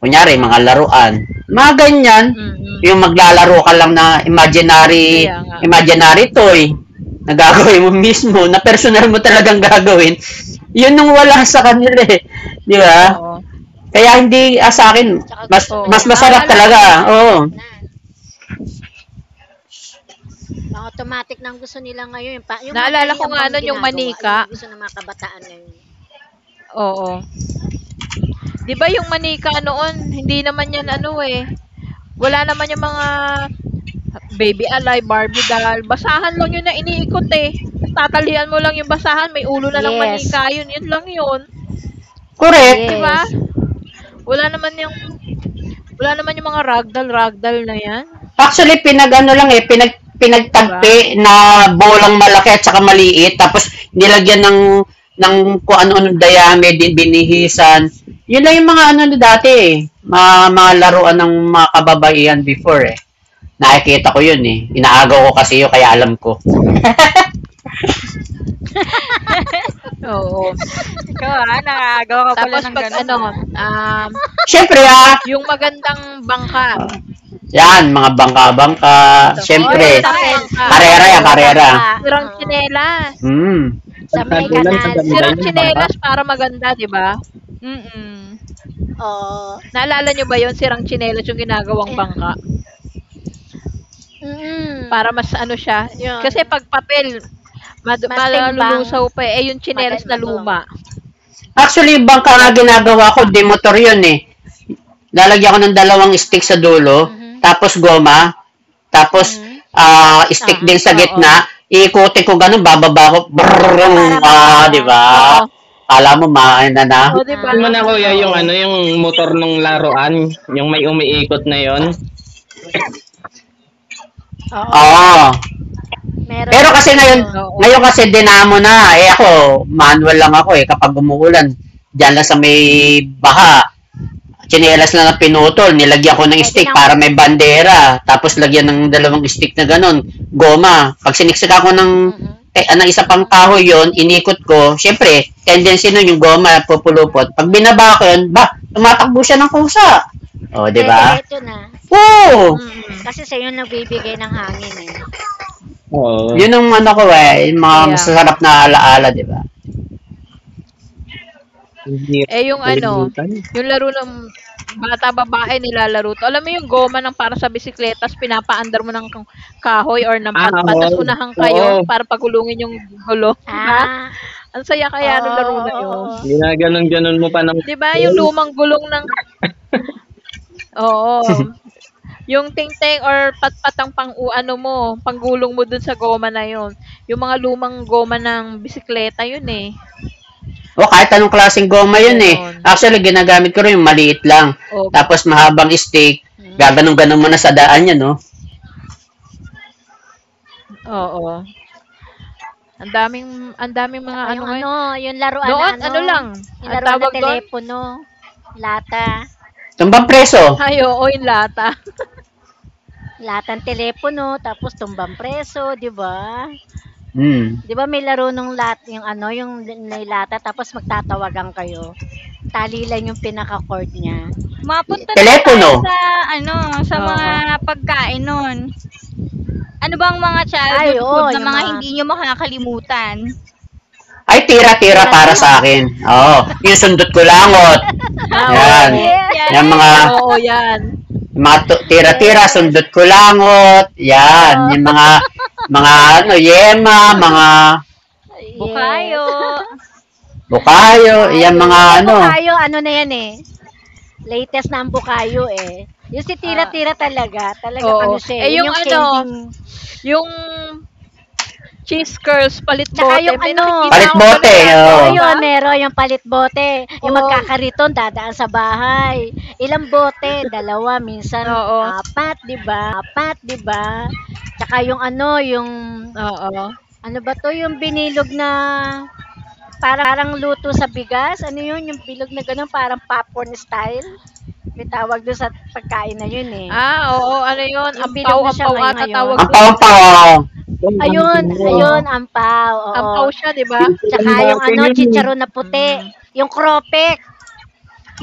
Speaker 3: Kunyari, mga
Speaker 1: oo.
Speaker 3: laruan. Mga ganyan,
Speaker 2: mm,
Speaker 3: yung
Speaker 4: Tsaka
Speaker 3: maglalaro ka
Speaker 4: yun
Speaker 3: lang na imaginary
Speaker 2: kaya nga,
Speaker 3: imaginary toy na gagawin mo mismo, na personal mo talagang gagawin, yun nung wala sa kanila eh. Di ba?
Speaker 2: oo,
Speaker 3: Kaya hindi ah, sa akin,
Speaker 4: tsaka
Speaker 3: mas,
Speaker 4: gusto
Speaker 2: oo.
Speaker 3: mas
Speaker 4: nila ngayon
Speaker 3: masarap
Speaker 2: Naalala
Speaker 4: mga
Speaker 2: ko
Speaker 3: talaga.
Speaker 2: nun
Speaker 4: automatic
Speaker 3: Oo.
Speaker 4: na. Na automatic na ang gusto nila ngayon, yung, pa, yung
Speaker 2: naalala
Speaker 4: madali
Speaker 2: ko
Speaker 4: ang
Speaker 2: nga
Speaker 4: bang
Speaker 2: nun yung
Speaker 4: ginagawa, yun
Speaker 2: manika,
Speaker 4: ang gusto ng mga kabataan ngayon.
Speaker 2: oo. 'Di ba yung manika noon hindi naman 'yan ano, eh, wala naman yung mga Baby Alive, Barbie Doll, basahan lang 'yun na iniikot, eh. Tas tatalian mo lang 'yung basahan, may ulo na ng
Speaker 4: Yes,
Speaker 2: manika 'yun, 'yun lang 'yun,
Speaker 3: Correct.
Speaker 2: 'di ba?
Speaker 4: yes.
Speaker 2: Wala naman 'yung wala naman 'yung mga ragdoll-ragdoll na 'yan,
Speaker 3: Actually, pinag ano lang eh,
Speaker 2: 'di ba?
Speaker 3: pinagtagpi na bolang malaki at saka maliit. Tapos, nilagyan ng kung ano-ano dayame, din binihisan. Yun lang yung mga ano na dati eh. Mga laruan ng mga kababaihan before eh. Nakikita ko yun eh. Inaagaw ko kasi yun, kaya alam ko.
Speaker 2: Oo.
Speaker 1: Ikaw, ah, nakagawa ka pala
Speaker 2: Tapos
Speaker 1: ng
Speaker 2: 'pag
Speaker 1: ganun,
Speaker 2: ano,
Speaker 1: ah.
Speaker 2: um,
Speaker 3: Siyempre
Speaker 2: 'yung magandang bangka,
Speaker 3: ah, Yan, mga bangka-bangka.
Speaker 2: eto,
Speaker 4: O, oh,
Speaker 2: 'yung
Speaker 3: Siyempre,
Speaker 1: Paper
Speaker 2: magandang bangka,
Speaker 4: yung
Speaker 1: dolls.
Speaker 3: karera
Speaker 4: papel
Speaker 3: yan,
Speaker 2: oo,
Speaker 4: na
Speaker 3: karera.
Speaker 4: bangka
Speaker 2: sirang
Speaker 4: oo,
Speaker 2: tsinelas,
Speaker 3: hmm,
Speaker 4: sa may
Speaker 2: mm.
Speaker 5: Pagtagulan
Speaker 4: kanal.
Speaker 5: maganda
Speaker 2: Sirang
Speaker 5: yun, bangka.
Speaker 2: tsinelas para maganda, 'di ba?
Speaker 1: Mm.
Speaker 4: O,
Speaker 2: Naalala niyo ba yon sirang tsinelas 'yung
Speaker 4: oh,
Speaker 2: ginagawang bangka
Speaker 4: eh, mm,
Speaker 2: para mas ano siya,
Speaker 4: yun.
Speaker 2: kasi 'pag papel mad
Speaker 4: Mas timbang,
Speaker 2: malululusaw pa, eh, eh, yung
Speaker 4: madal,
Speaker 2: tsinelas na
Speaker 4: matum.
Speaker 2: luma
Speaker 3: Actually, bangka nga
Speaker 2: gagawing
Speaker 3: ginagawa ko,
Speaker 2: bangka.
Speaker 3: di motor yun eh. Lalagyan ko ng dalawang stick sa dulo,
Speaker 4: Mhm,
Speaker 3: tapos goma, tapos
Speaker 4: mhm,
Speaker 3: stick
Speaker 4: aha.
Speaker 3: din sa
Speaker 2: Oo,
Speaker 3: gitna, iikutin ko ganun, bababa ko,
Speaker 4: Ah,
Speaker 3: brrrr,
Speaker 4: para
Speaker 3: di ba?
Speaker 4: mag-balance.
Speaker 2: oo,
Speaker 3: Kala mo, na na.
Speaker 2: oh, 'di ba?
Speaker 5: Yun mo na kuya
Speaker 4: Ah,
Speaker 5: yung
Speaker 2: Oo,
Speaker 5: ano, yung motor nung laruan, yung may umiikot na yon.
Speaker 4: oo.
Speaker 3: Oo.
Speaker 4: Meron
Speaker 3: Pero
Speaker 4: ngayong
Speaker 3: kasi ngayon,
Speaker 4: uso.
Speaker 2: oo,
Speaker 3: kasi dinamo na, eh ako, manual lang ako eh, kapag umuulan, dyan lang sa may baha, chinelas lang na pinutol, nilagyan ko ng
Speaker 4: Pwede
Speaker 3: stick
Speaker 4: nang,
Speaker 3: para may bandera, tapos lagyan ng dalawang stick na ganun, goma. Pag siniksika ko ng,
Speaker 4: mhm,
Speaker 3: eh, ah, ng isa pang
Speaker 4: mhm.
Speaker 3: kahoy yon inikot ko, syempre, tendency nun yung goma pupulupot. Pag binaba ko yun, ba, tumatakbo siya ng kusa. O, di ba?
Speaker 4: Dire-diretso na.
Speaker 3: Oo!
Speaker 4: Kasi
Speaker 2: mm,
Speaker 4: sa'yo nagbibigay ng hangin, eh.
Speaker 5: Oo,
Speaker 3: Yun ang ano ko eh, yung mga
Speaker 2: kaya nga.
Speaker 3: masasarap na alaala, di ba?
Speaker 5: hindi hirap
Speaker 2: Eh, yung ano,
Speaker 5: kalimutan.
Speaker 2: yung laro ng bata babae nilalaro 'to, alam mo yung goma ng para sa bisikleta ta's pinapaandar mo ng kang kahoy or ng patpat ta's
Speaker 5: Oo,
Speaker 2: unahan
Speaker 5: oo,
Speaker 2: kayo para pagulungin yung gulong, 'di ba?
Speaker 4: Ah,
Speaker 2: Ang saya
Speaker 4: oo,
Speaker 2: kaya nung laro na
Speaker 4: oo,
Speaker 2: yun.
Speaker 4: oo. Oo.
Speaker 5: ginaganon-ganon mo pa ng
Speaker 2: 'Di ba yung lumang gulong ng oo. Yung tingting or patpatang mo, panggulong mo dun sa goma na yun. Yung mga lumang goma ng bisikleta yun, eh,
Speaker 3: o, kahit anong klaseng goma yun eh.
Speaker 2: gano'n.
Speaker 3: Actually, ginagamit ko rin yung maliit lang.
Speaker 2: Ob
Speaker 3: Tapos mahabang stick,
Speaker 4: Mhm,
Speaker 3: gaganon-ganon mo na sa daan yan,
Speaker 4: mhm.
Speaker 3: no?
Speaker 2: oo, ang daming mga
Speaker 4: Tsaka
Speaker 2: ano
Speaker 4: yung
Speaker 2: ngayon.
Speaker 4: ano, yung laruan na
Speaker 2: Noon
Speaker 4: ano,
Speaker 2: ano lang,
Speaker 4: yung
Speaker 2: anong
Speaker 4: laruan na
Speaker 2: tawag dun?
Speaker 4: telepono, lata,
Speaker 3: Tumbang preso.
Speaker 2: Ay, oo, yung lata.
Speaker 4: latang telepono, tapos tumbang preso, di ba?
Speaker 3: Hmm.
Speaker 4: Di ba may laro nung lat, yung ano, yung nilata, tapos magtatawagan kayo. Tali lang yung pinaka-cord niya.
Speaker 1: Mapunta naman tayo
Speaker 3: Telepono.
Speaker 1: sa ano, sa mga
Speaker 2: Oo.
Speaker 1: pagkain nun. Ano bang mga
Speaker 4: Ay,
Speaker 1: childhood food
Speaker 4: oo,
Speaker 1: na
Speaker 4: yung
Speaker 1: mga
Speaker 4: mga
Speaker 1: hindi niyo makakalimutan?
Speaker 3: Ay, tira-tira para sa
Speaker 4: tira-tira.
Speaker 3: akin. Oo. Yung sundot ko langot.
Speaker 4: Yes,
Speaker 2: Ah,
Speaker 3: Ayan.
Speaker 2: oo.
Speaker 4: yes,
Speaker 3: Yung mga,
Speaker 1: Yan,
Speaker 2: Oo, 'yan.
Speaker 3: yung mga tira-tira,
Speaker 4: yes.
Speaker 3: sundot ko langot. Yan.
Speaker 4: Oo,
Speaker 3: Yung mga ano, yema, mga
Speaker 4: yes.
Speaker 1: bukayo.
Speaker 3: bukayo, yan mga
Speaker 4: Bukayo.
Speaker 3: ano,
Speaker 4: Bukayo ano na 'yan, eh, latest na ang Bukayo, eh. Yung si Tira
Speaker 1: Ah,
Speaker 4: Tira talaga, talagang ano
Speaker 2: Oo.
Speaker 4: siya, eh,
Speaker 2: Eh, yung
Speaker 4: 'yun yung
Speaker 2: ano,
Speaker 4: kending
Speaker 2: yung cheese curls palit
Speaker 4: 'tsaka
Speaker 2: bote,
Speaker 4: yung
Speaker 2: may
Speaker 4: ano,
Speaker 2: nakikita akong
Speaker 3: palit-bote.
Speaker 2: gano'n dati,
Speaker 4: oo
Speaker 3: Oo.
Speaker 2: 'di ba?
Speaker 4: 'yun, meron yung palit bote, yung
Speaker 2: Oo,
Speaker 4: magkakariton dadaan sa bahay. Ilang bote? Dalawa, minsan
Speaker 2: oo,
Speaker 4: apat, 'di ba? 'Tsaka yung
Speaker 2: oo.
Speaker 4: ano ba 'to, yung binilog na parang luto sa bigas, ano 'yun, yung bilog na gano'n, parang popcorn style. May tawag do'n sa pagkain na 'yun, eh.
Speaker 2: Ah, oo, ano 'yun,
Speaker 4: Yung
Speaker 2: ampaw,
Speaker 4: bilog na siya
Speaker 2: ampaw ata
Speaker 4: ngayon.
Speaker 2: tawag
Speaker 3: Ang
Speaker 2: dun?
Speaker 3: pawang
Speaker 5: oo, ang
Speaker 4: Ayun,
Speaker 5: tao.
Speaker 2: Oo,
Speaker 4: ayun, ampaw, oo.
Speaker 2: ampaw siya 'di ba?
Speaker 5: Piso lang
Speaker 4: Tsaka yung
Speaker 5: dati
Speaker 4: ano,
Speaker 5: yun, eh.
Speaker 4: chicharon na puti.
Speaker 2: Mm,
Speaker 4: Yung cropek.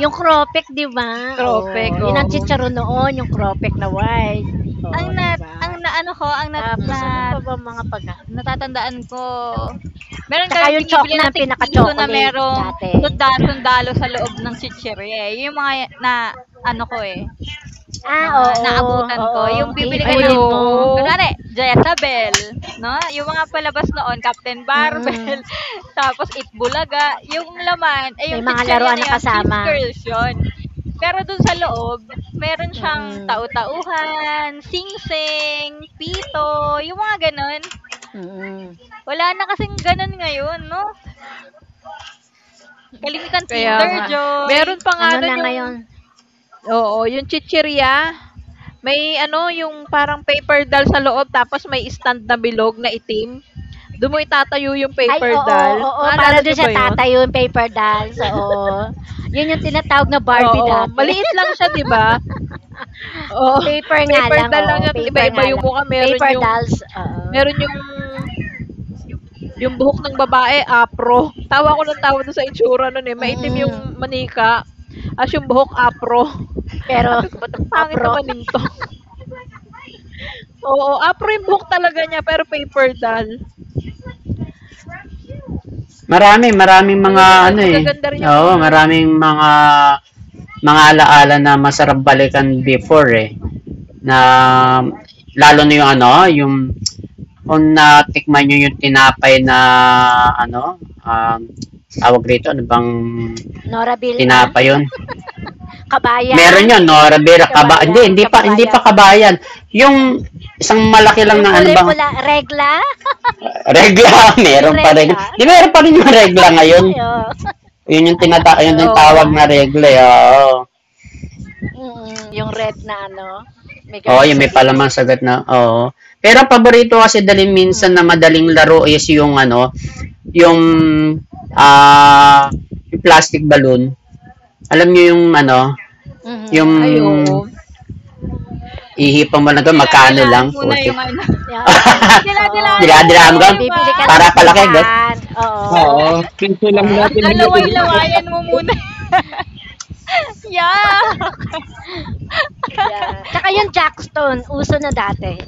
Speaker 4: Yung cropek, di ba?
Speaker 2: cropek,
Speaker 4: Oo. Yun ang
Speaker 2: oo,
Speaker 4: chicharon noon, yung cropek na white.
Speaker 1: ang
Speaker 4: Oo,
Speaker 1: na
Speaker 4: di ba?
Speaker 1: ang naano ko, ang nat
Speaker 4: Tapos
Speaker 1: na
Speaker 4: ano pa
Speaker 2: mm.
Speaker 4: ba mga pagka?
Speaker 1: natatandaan ko, meron
Speaker 4: Tsaka
Speaker 1: kaming
Speaker 4: yung
Speaker 1: binibili na
Speaker 4: choknat, yun ang
Speaker 1: tig-piso na
Speaker 4: pinaka-chocolate
Speaker 1: merong
Speaker 4: dati.
Speaker 1: sundalo sundalo sa loob ng chichirya, eh. Yun yung mga na ano ko, eh,
Speaker 4: Ah,
Speaker 1: mga
Speaker 4: oo,
Speaker 1: naabutan ko
Speaker 4: oo.
Speaker 1: yung bibili ka
Speaker 2: Ay,
Speaker 1: ng
Speaker 4: Iipunin mo.
Speaker 2: oo,
Speaker 1: kunwari Jezabel, 'no, yung mga palabas noon Captain
Speaker 4: Mm
Speaker 1: Barbell,
Speaker 4: mm
Speaker 1: tapos Itbulaga, yung laman eh
Speaker 4: May
Speaker 1: yung
Speaker 4: mga
Speaker 1: chichirya
Speaker 4: laruan
Speaker 1: na
Speaker 4: na
Speaker 1: yun cheese
Speaker 4: kasama.
Speaker 1: curls yun. Pero dun sa loob meron siyang
Speaker 4: Mm-mm.
Speaker 1: tau-tauhan, sing sing, pito, yung mga ganun.
Speaker 4: Mm-mm.
Speaker 1: Wala na kasing ganun ngayon 'no, kalimitan
Speaker 4: Na,
Speaker 2: kaya
Speaker 1: Kinder
Speaker 4: na.
Speaker 2: nga.
Speaker 1: Joy,
Speaker 2: Meron pa nga
Speaker 4: Ano
Speaker 2: nun
Speaker 4: na
Speaker 2: yung
Speaker 4: ngayon?
Speaker 2: oo, yung chichirya, may ano, yung parang paper doll sa loob tapos may stand na bilog na itim, dun mo itatayo yung
Speaker 4: Ay,
Speaker 2: paper
Speaker 4: oo,
Speaker 2: doll,
Speaker 4: oo.
Speaker 2: naalala
Speaker 4: Para dun
Speaker 2: nyo
Speaker 4: sa
Speaker 2: ba 'yun?
Speaker 4: tata yung paper dolls, oo. Yun yung tinatawag na Barbie
Speaker 2: Oo,
Speaker 4: dati.
Speaker 2: maliit lang siya 'di ba? Oo,
Speaker 4: Paper nga
Speaker 2: paper
Speaker 4: lang,
Speaker 2: doll lang
Speaker 4: oo.
Speaker 2: siya tapos
Speaker 4: Paper
Speaker 2: iba-iba
Speaker 4: nga
Speaker 2: yung
Speaker 4: lang.
Speaker 2: mukha,
Speaker 4: Paper dolls,
Speaker 2: meron
Speaker 4: oo.
Speaker 2: yung buhok ng babae afro. Tawa ko ng tawa dun sa itsura nun, eh, maitim yung
Speaker 4: Mm,
Speaker 2: manika, ta's yung buhok afro.
Speaker 4: pero,
Speaker 2: Sabi ko, "Ba't ang pangit
Speaker 4: apro.
Speaker 2: naman nito?" Oo, afro yung buhok talaga niya pero paper doll.
Speaker 3: Maraming mga
Speaker 2: Magaga
Speaker 3: ano eh.
Speaker 2: magaganda rin yung
Speaker 3: Oo,
Speaker 2: mga
Speaker 3: maraming mga alaala na masarap balikan before eh. na
Speaker 4: Mm-mm.
Speaker 3: Lalo na yung
Speaker 4: Mm-mm.
Speaker 3: ano, yung kung natikman nyo yung tinapay na ano, tawag rito, ano bang
Speaker 4: Nora Bilma.
Speaker 3: tinapay yun?
Speaker 4: Kabayan.
Speaker 3: Meron yun, no? Rivera, kaba, hindi,
Speaker 4: Kabayan.
Speaker 3: hindi pa
Speaker 4: Kababayan.
Speaker 3: kabayan. Yung isang malaki lang
Speaker 4: Yung
Speaker 3: na ano
Speaker 4: kulay
Speaker 3: bang,
Speaker 4: pula, regla.
Speaker 3: regla,
Speaker 4: Yung
Speaker 3: meron pa regla.
Speaker 4: regla.
Speaker 3: Di meron
Speaker 4: Ano?
Speaker 3: pa rin yung regla ngayon.
Speaker 4: Ayun.
Speaker 3: Yun yung tinata, yun
Speaker 4: Ayun,
Speaker 3: yung
Speaker 4: di
Speaker 3: tawag
Speaker 2: oo.
Speaker 4: ba?
Speaker 3: na regla, oo.
Speaker 4: Mm-mm. Yung red na ano. May
Speaker 3: Oo,
Speaker 4: ganun
Speaker 3: yung
Speaker 4: sa
Speaker 3: may palamang
Speaker 4: gilid.
Speaker 3: sagot na, oo. Pero ang paborito kasi dali minsan na
Speaker 4: Mm-mm.
Speaker 3: madaling laro is yung ano, yung ah yung plastic balloon. Alam niyo yung ano, yung
Speaker 4: Mhm.
Speaker 2: Ay, oo.
Speaker 3: ihipang mo na doon, magkano
Speaker 1: didila-dilaan
Speaker 3: lang,
Speaker 1: muna
Speaker 3: putik.
Speaker 1: yung ano,
Speaker 4: Yeah, oo, oo,
Speaker 1: didila-dilaan mo muna
Speaker 3: Dinadira mo
Speaker 1: yun
Speaker 4: oo,
Speaker 3: doon,
Speaker 1: 'di ba?
Speaker 4: bibili ka lang
Speaker 3: para
Speaker 4: sa
Speaker 3: palaki. Doon.
Speaker 4: tindahan,
Speaker 5: Oo,
Speaker 4: oo,
Speaker 5: piso lang
Speaker 4: oo,
Speaker 5: dati bili ko doon.
Speaker 1: Lalaway-lawayan mo muna. Yuck!
Speaker 4: 'yan. Tsaka yung Jackstone, uso na dati.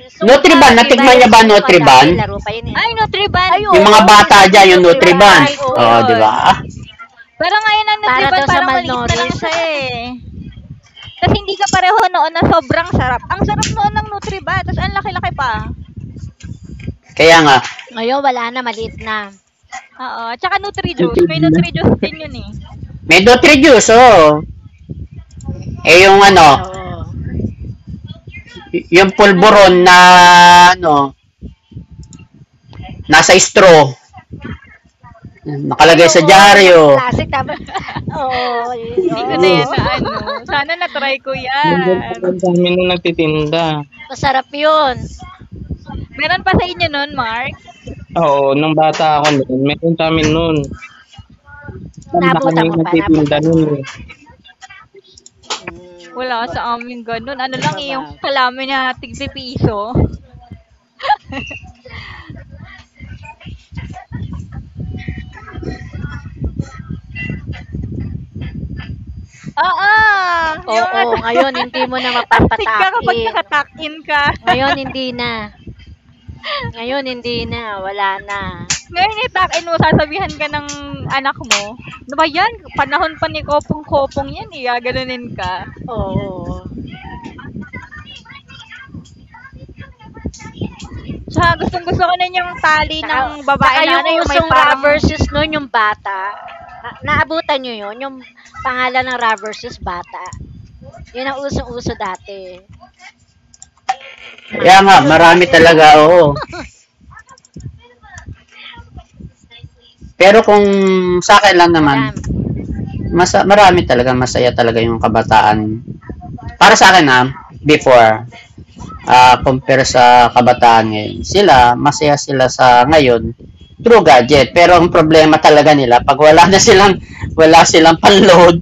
Speaker 4: Yung
Speaker 3: Nutriban,
Speaker 4: Sungka, 'di ba
Speaker 3: natikman
Speaker 4: 'yan
Speaker 3: niya ba
Speaker 4: sungka
Speaker 3: Nutriban?
Speaker 4: dati, laro pa 'yun, eh.
Speaker 1: Ay, Nutriband,
Speaker 4: Ay,
Speaker 3: Yung mga
Speaker 4: oo, sa
Speaker 3: bata
Speaker 1: nat
Speaker 3: dyan,
Speaker 4: school
Speaker 3: yung Nutriban.
Speaker 1: na-try
Speaker 4: Nutriban,
Speaker 1: ko
Speaker 3: Oh,
Speaker 4: oo,
Speaker 3: di
Speaker 1: 'yun.
Speaker 3: ba? Ah,
Speaker 1: Parang ngayon ang
Speaker 4: para
Speaker 1: Nutriband
Speaker 4: daw sa
Speaker 1: parang maliit na lang
Speaker 4: malnoris.
Speaker 1: siya, eh. Tas hindi kapareho noon na sobrang sarap. Ang sarap noon ng Nutriband tas ang laki-laki pa.
Speaker 3: Kaya nga,
Speaker 4: Ngayon wala na, maliit na,
Speaker 1: Oo, tsaka Nutri-Juice,
Speaker 5: Nipid
Speaker 1: may
Speaker 5: na.
Speaker 1: Nutri-Juice din 'yun, eh.
Speaker 3: may Nutrijuice, oo. Eh yung
Speaker 4: 'yan,
Speaker 3: ano,
Speaker 4: oo.
Speaker 3: yung
Speaker 1: Ano pa
Speaker 3: pulburon
Speaker 1: mga
Speaker 3: na
Speaker 1: food?
Speaker 3: ano, nasa straw,
Speaker 4: Ay,
Speaker 3: nakalagay sa
Speaker 4: oo, yung
Speaker 3: dyaryo.
Speaker 4: naka-plastic tapos oo, yun,
Speaker 1: Hindi ko na
Speaker 5: Oo.
Speaker 1: 'yan
Speaker 4: oo.
Speaker 1: naano, sana na-try ko
Speaker 5: Meron pa
Speaker 1: 'yan.
Speaker 5: rin sa amin nung nagtitinda.
Speaker 4: Masarap 'yun.
Speaker 1: Meron pa sa inyo nun, Mark?
Speaker 5: Oo, nung bata ako noon, meron sa amin noon. Tanda ka na
Speaker 4: Naabutan mo
Speaker 5: yung
Speaker 4: pa,
Speaker 5: nagtitinda
Speaker 4: nabutan mo?
Speaker 5: noon, eh.
Speaker 4: Hmm,
Speaker 1: Wala sa amin gano'n, ano
Speaker 4: ano
Speaker 1: lang,
Speaker 4: pa
Speaker 1: eh,
Speaker 4: ba?
Speaker 1: yung kalamay na tig-pipiso. Oo, yung
Speaker 4: Oo,
Speaker 1: ano,
Speaker 4: ngayon hindi mo na
Speaker 1: astig ka kapag
Speaker 4: mapapatakin.
Speaker 1: naka in ka.
Speaker 4: Ngayon hindi na. Ngayon hindi na, wala na.
Speaker 1: Ngayon i-tuck-in mo sasabihan ka ng anak mo, "Ano ba 'yan, panahon pa ni kopong-kopong 'yan, eh," gaganunin ka.
Speaker 4: Oo.
Speaker 1: Tsaka gustong-gusto ko nun yung tali
Speaker 4: Tsaka,
Speaker 1: ng babae
Speaker 4: tsaka
Speaker 1: na
Speaker 4: yung
Speaker 1: ano, yung may
Speaker 4: usong
Speaker 1: parang
Speaker 4: rubber versus noon, yung bata. Na, naabutan nyo yun? Yung pangalan ng rubber versus bata. Yun ang usong-uso dati.
Speaker 3: Kaya
Speaker 4: Mahal
Speaker 3: nga,
Speaker 4: yun
Speaker 3: marami
Speaker 4: dati sa
Speaker 3: talaga,
Speaker 4: ano,
Speaker 3: oo. Oh. Pero kung sa akin lang naman,
Speaker 4: madam,
Speaker 3: mas, marami talaga, masaya talaga yung kabataan. Para sa akin na, before, compare sa kabataan ngayon, sila, masaya sila sa ngayon, through gadget. Pero ang problema talaga nila, pag wala na silang, wala silang panload,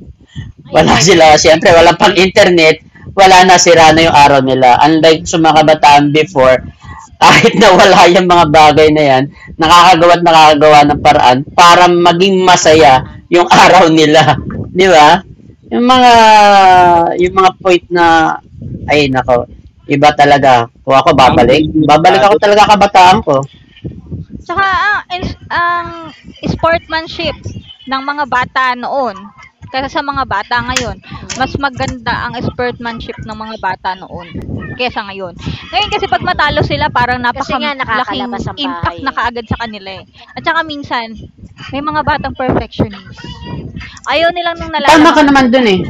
Speaker 3: wala
Speaker 4: internet.
Speaker 3: sila, siyempre, wala pang
Speaker 4: Mm,
Speaker 3: internet, wala na sira na yung araw nila.
Speaker 4: mm,
Speaker 3: Unlike sa mga
Speaker 1: mm
Speaker 3: kabataan before,
Speaker 1: mm
Speaker 3: kahit na wala yung mga bagay na yan, nakakagawa at nakakagawa ng paraan para maging
Speaker 4: ng
Speaker 3: masaya
Speaker 4: paraan.
Speaker 3: yung araw nila. Di ba? Yung
Speaker 4: Mm,
Speaker 3: mga,
Speaker 1: mm.
Speaker 4: mm,
Speaker 1: Mm.
Speaker 3: yung
Speaker 4: oo.
Speaker 3: mga point na, ay nako, iba talaga. Kung ako
Speaker 5: Ang
Speaker 3: babalik,
Speaker 5: brand niya
Speaker 3: babalik ako
Speaker 5: dati.
Speaker 3: talaga kabataan ko.
Speaker 1: Tsaka ah, ang sportmanship ng mga bata noon kaysa sa mga bata ngayon, mas
Speaker 4: Mm, mm.
Speaker 1: maganda ang sportmanship ng mga bata noon kaysa ngayon. Ngayon kasi 'pag
Speaker 4: Mm.
Speaker 1: matalo sila parang
Speaker 4: Kasi nga nakakalabas
Speaker 1: napakalaking
Speaker 4: ang bahay
Speaker 1: impact na
Speaker 4: eh.
Speaker 1: kaagad sa kanila, eh. At saka minsan may mga batang perfectionist. Ayaw nilang nung
Speaker 3: Tama ka
Speaker 1: nalalamangan
Speaker 3: naman
Speaker 1: sila.
Speaker 3: dun
Speaker 4: Mm.
Speaker 3: eh.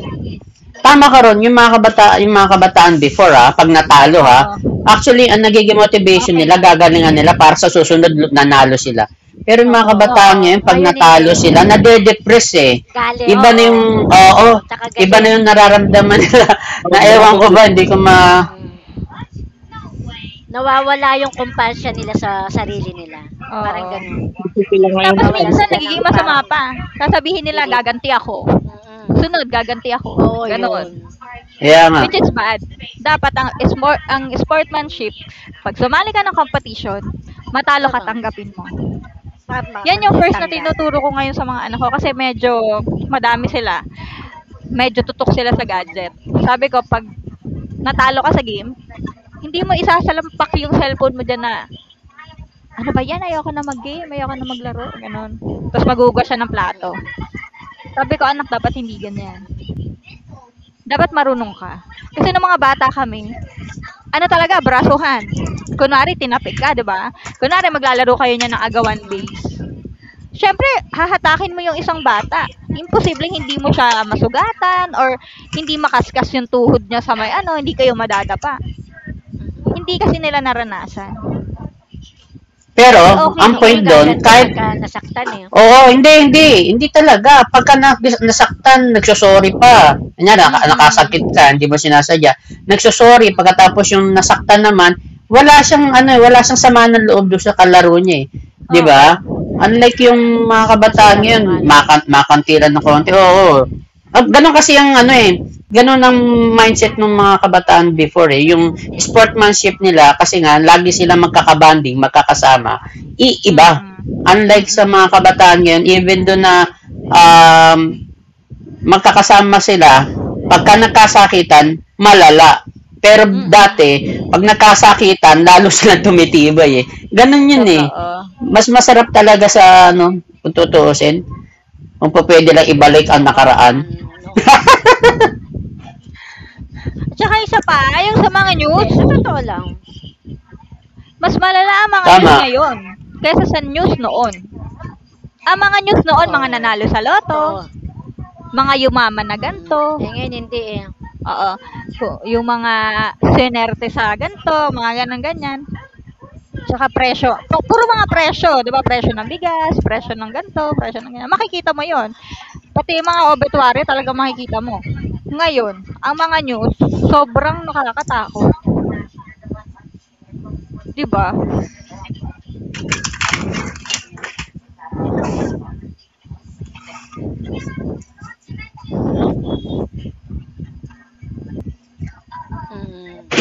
Speaker 3: Tama ka
Speaker 1: Mm,
Speaker 3: ron, yung mga kabataan before ha, pag natalo ha,
Speaker 1: oo,
Speaker 3: actually ang nagiging motivation
Speaker 1: okey
Speaker 3: nila,
Speaker 1: lang.
Speaker 3: gagalingan nila para sa susunod nanalo sila. Pero yung mga
Speaker 4: Oo.
Speaker 3: kabataan
Speaker 1: Oo,
Speaker 3: ngayon, pag
Speaker 4: Ngayon hindi.
Speaker 3: natalo sila, nade-depress eh.
Speaker 4: Galit,
Speaker 3: Iba na yung,
Speaker 1: oo,
Speaker 4: oo,
Speaker 3: oo,
Speaker 4: tsaka
Speaker 3: iba na
Speaker 4: galit,
Speaker 3: yung nararamdaman nila na
Speaker 5: Sobra
Speaker 3: ewan
Speaker 5: ko.
Speaker 3: ko ba, hindi ko ma,
Speaker 4: mm. Nawawala yung kumpanya nila sa sarili nila, parang
Speaker 1: oo.
Speaker 4: gano'n.
Speaker 5: Piso sila ngayon
Speaker 1: Tapos
Speaker 5: kapag
Speaker 4: Nawawalan
Speaker 1: minsan
Speaker 4: sila ng
Speaker 1: nagiging masama
Speaker 4: parang
Speaker 1: pa. Sasabihin nila
Speaker 4: believe,
Speaker 1: gaganti ako,
Speaker 4: mm.
Speaker 1: sunod gaganti ako,
Speaker 4: Oo,
Speaker 1: gano'n.
Speaker 4: yun,
Speaker 3: Yeah, man.
Speaker 1: Which is bad.
Speaker 4: mm,
Speaker 1: Dapat ang sportsmanship,
Speaker 4: mm.
Speaker 1: pag sumali ka ng competition, matalo ka
Speaker 4: Tama,
Speaker 1: tanggapin mo.
Speaker 4: tama,
Speaker 1: Yan yung
Speaker 4: hindi,
Speaker 1: first na
Speaker 4: tanggap,
Speaker 1: tinuturo ko ngayon sa mga anak ko kasi medyo madami sila. Medyo tutok sila sa gadget.
Speaker 4: mm,
Speaker 1: Sabi ko pag natalo ka sa
Speaker 4: mm,
Speaker 1: game, hindi mo isasalampak yung cellphone mo diyan na ano ba yan? Ayoko na mag-game, ayoko na maglaro, ganun. Tapos magugas siya ng plato.
Speaker 4: mm,
Speaker 1: Sabi ko, "Anak, dapat hindi ganyan.
Speaker 4: mm,
Speaker 1: Dapat marunong ka." Kasi nung mga bata kami, ano talaga, brasuhan. Kunwari, tinapik ka, di ba? Kunwari, maglalaro kayo niyan ng agawan
Speaker 4: mm, mm.
Speaker 1: base. Siyempre, hahatakin mo yung isang bata. Imposibleng hindi mo siya masugatan or hindi makaskas yung tuhod niya sa may ano, hindi kayo madadapa. Hindi kasi nila naranasan.
Speaker 3: Pero,
Speaker 1: Mas okay
Speaker 3: ang
Speaker 4: Eh,
Speaker 3: point
Speaker 4: ngayon
Speaker 1: noon.
Speaker 3: do'n,
Speaker 4: gaganti
Speaker 3: kahit
Speaker 4: pagka nasaktan, eh,
Speaker 3: Oo, hindi, hindi. Hindi talaga. Pagka nasaktan, nagsosorry pa. Kanya, nakasakit
Speaker 1: Mm,
Speaker 3: ka, hindi mo
Speaker 4: mm.
Speaker 3: sinasadya. Nagsosorry,
Speaker 1: mm.
Speaker 3: pagkatapos yung nasaktan naman, wala siyang, ano, eh, wala siyang sama ng loob doon sa kalaro niya eh. Di ba?
Speaker 1: Oo.
Speaker 3: Unlike yung mga
Speaker 4: Kasi kasi
Speaker 3: kabataan
Speaker 4: laro
Speaker 3: ngayon,
Speaker 4: nga naman, eh,
Speaker 3: makantilan ng konti. Oo, oo. Ah, Ganon kasi ang ano eh, ganon ang mindset ng mga kabataan before eh. Yung sportmanship nila, kasi nga, lagi sila magkakabanding, magkakasama, iiba
Speaker 1: Mm.
Speaker 3: unlike sa mga
Speaker 1: Mm.
Speaker 3: kabataan ngayon, even do na um, magkakasama sila, pagka nagkasakitan, malala. Pero
Speaker 1: Mm.
Speaker 3: dati, pag nagkasakitan, lalo silang tumitibay eh. Ganun yun eh.
Speaker 1: Totoo.
Speaker 3: Mas masarap
Speaker 4: mm,
Speaker 3: talaga sa ano, kung tutuusin, kung pa pwede lang ibalik ang
Speaker 4: yung
Speaker 3: nakaraan.
Speaker 4: kabataan noon.
Speaker 1: At saka isa pa, yung sa mga
Speaker 4: Hindi,
Speaker 1: news,
Speaker 4: sa totoo lang.
Speaker 1: mas malala ang mga news
Speaker 3: Tama.
Speaker 1: ngayon kaysa sa news noon. Ang mga news noon, mga
Speaker 4: Oo,
Speaker 1: nanalo sa loto,
Speaker 4: totoo,
Speaker 1: mga yumaman na
Speaker 4: mm.
Speaker 1: ganto,
Speaker 4: Eh, ngayon hindi, eh.
Speaker 1: oo, yung mga sinerte sa ganto, mga ganang-ganyan. Tsaka presyo. Puro mga presyo, di ba? Presyo ng bigas, presyo ng ganto, presyo ng ganyan. Makikita mo yon. Pati mga obituary talaga makikita mo. Ngayon, ang mga news, sobrang nakakatakot. Di ba?
Speaker 4: Mm,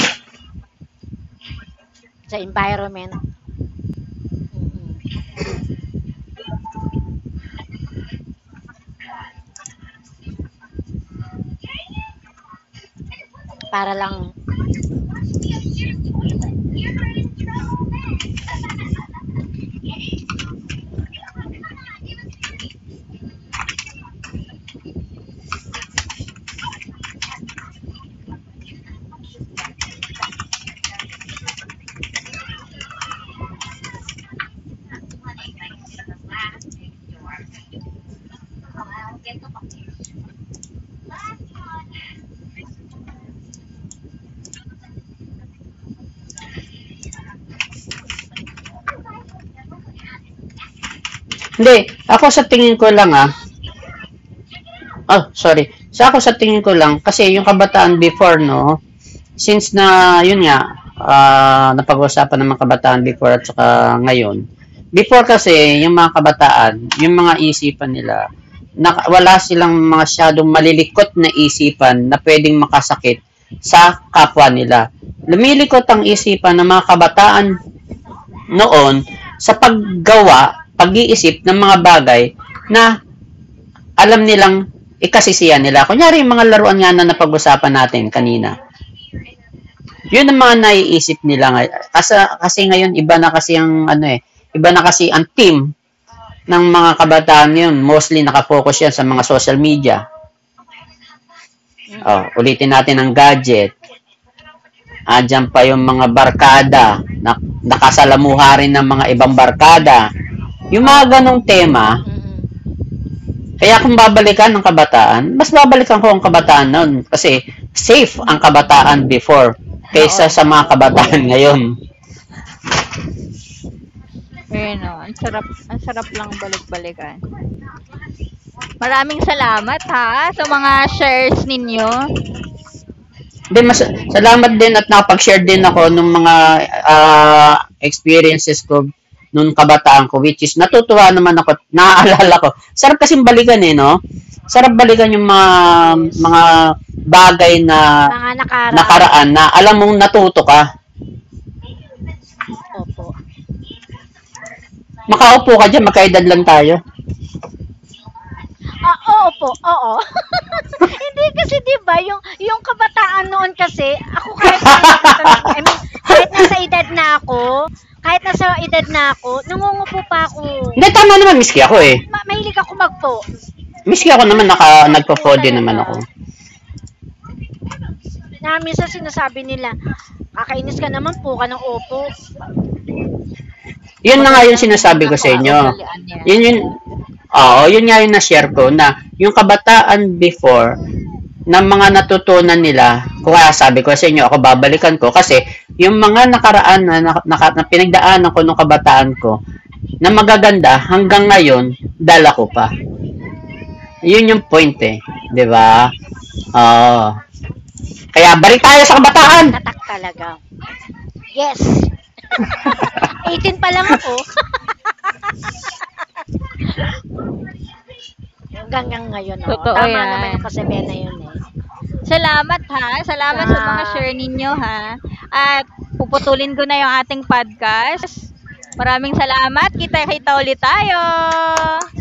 Speaker 4: sa environment, mm. Para lang
Speaker 3: Hindi, ako sa tingin ko lang ah, oh, sorry. Sa so, ako sa tingin ko lang, kasi yung kabataan before, no, since na yun nga ah, napag-usapan ng mga kabataan before at saka ngayon before kasi yung mga kabataan yung mga isipan nila na, wala silang mga masyadong malilikot na isipan na pwedeng makasakit sa kapwa nila lumilikot ang isipan ng mga kabataan noon sa paggawa pag-iisip ng mga bagay na alam nilang ikasisiyan nila. Kunyari, yung mga laruan nga na napag-usapan natin kanina yun ang mga naiisip nila ngayon. Kasi ngayon, iba na kasi ang ano eh, iba na kasi ang team ng mga kabataan yun. Mostly nakafocus yan sa mga social media. Oh,
Speaker 4: mhm,
Speaker 3: ulitin natin ang gadget. Ah, dyan pa yung mga barkada. Na, nakasalamuha rin ng mga ibang
Speaker 4: mhm,
Speaker 3: barkada. Yung mga
Speaker 1: Oo.
Speaker 3: ganong tema,
Speaker 4: mm.
Speaker 3: kaya kung babalikan ng kabataan, mas babalikan ko ang kabataan noon kasi safe ang kabataan
Speaker 1: Mm,
Speaker 3: before kaysa
Speaker 1: noon,
Speaker 3: sa mga
Speaker 1: oo.
Speaker 3: kabataan ngayon.
Speaker 4: Yes,
Speaker 1: Ayun oh, ang sarap, ang sarap lang balik-balikan. Maraming salamat ha, sa mga shares ninyo.
Speaker 3: Then mas salamat din at nakapag-share din ako ng mga ah, experiences ko nung kabataan ko which is natutuwa naman ako, at naaalala ko. Sarap kasing balikan eh, no? Sarap balikan yung mga
Speaker 4: yes.
Speaker 3: mga bagay na
Speaker 4: Mga nakaraan,
Speaker 3: nakaraan na alam mong natuto ka.
Speaker 4: opo.
Speaker 3: Makaupo ka dyan, magkaedad lang tayo.
Speaker 4: Ah, opo, oo. Hindi kasi 'di ba yung kabataan noon kasi ako kahit may matan I mean, kahit nasa edad na ako, kahit nasa edad na ako, nangungupo pa ako.
Speaker 3: Hindi, tama naman, miski ako
Speaker 4: Oo,
Speaker 3: eh.
Speaker 4: mahilig ako magpo.
Speaker 3: Miski ako naman,
Speaker 4: Mahilig ako mag-"po"
Speaker 3: nagpo-4 din naman ako.
Speaker 4: talaga, na minsan sinasabi nila, "Kakainis ka naman, po ka ng opo."
Speaker 3: Yun na nga yung
Speaker 1: Magandang
Speaker 3: sinasabi ko sa inyo.
Speaker 1: nakaugalian 'yan.
Speaker 3: Yun yun, oo, yun nga yung na-share ko na yung kabataan before na mga natutunan nila, kaya sabi ko sa inyo, ako babalikan ko kasi yung mga nakaraan na pinagdaanan ko nung kabataan ko na magaganda hanggang ngayon,
Speaker 4: Mhm.
Speaker 3: dala ko pa. Yun yung point eh. 'Di ba? Oo. Kaya balik tayo sa
Speaker 4: Na
Speaker 3: kabataan.
Speaker 4: nakatatak talaga. Yes, 18 pa lang ako hanggang ngayon, oo.
Speaker 1: Totoo
Speaker 4: Tama naman
Speaker 1: 'yan.
Speaker 4: yung kasabihang na yun, eh.
Speaker 1: Salamat ha, salamat sa mga
Speaker 4: Tsaka
Speaker 1: share ninyo ha, at puputulin ko na yung ating podcast. Maraming salamat, kita-kita
Speaker 4: Mhm.
Speaker 1: ulit tayo.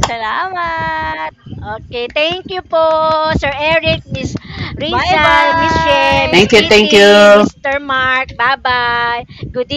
Speaker 1: Salamat.
Speaker 4: Okay, thank you po, Sir Eric, Miss Rizal, Miss She,
Speaker 1: Bye-bye.
Speaker 4: Miss
Speaker 3: Thank you, thank
Speaker 4: Kitty,
Speaker 3: you.
Speaker 4: Mister Mark. Bye-bye. Good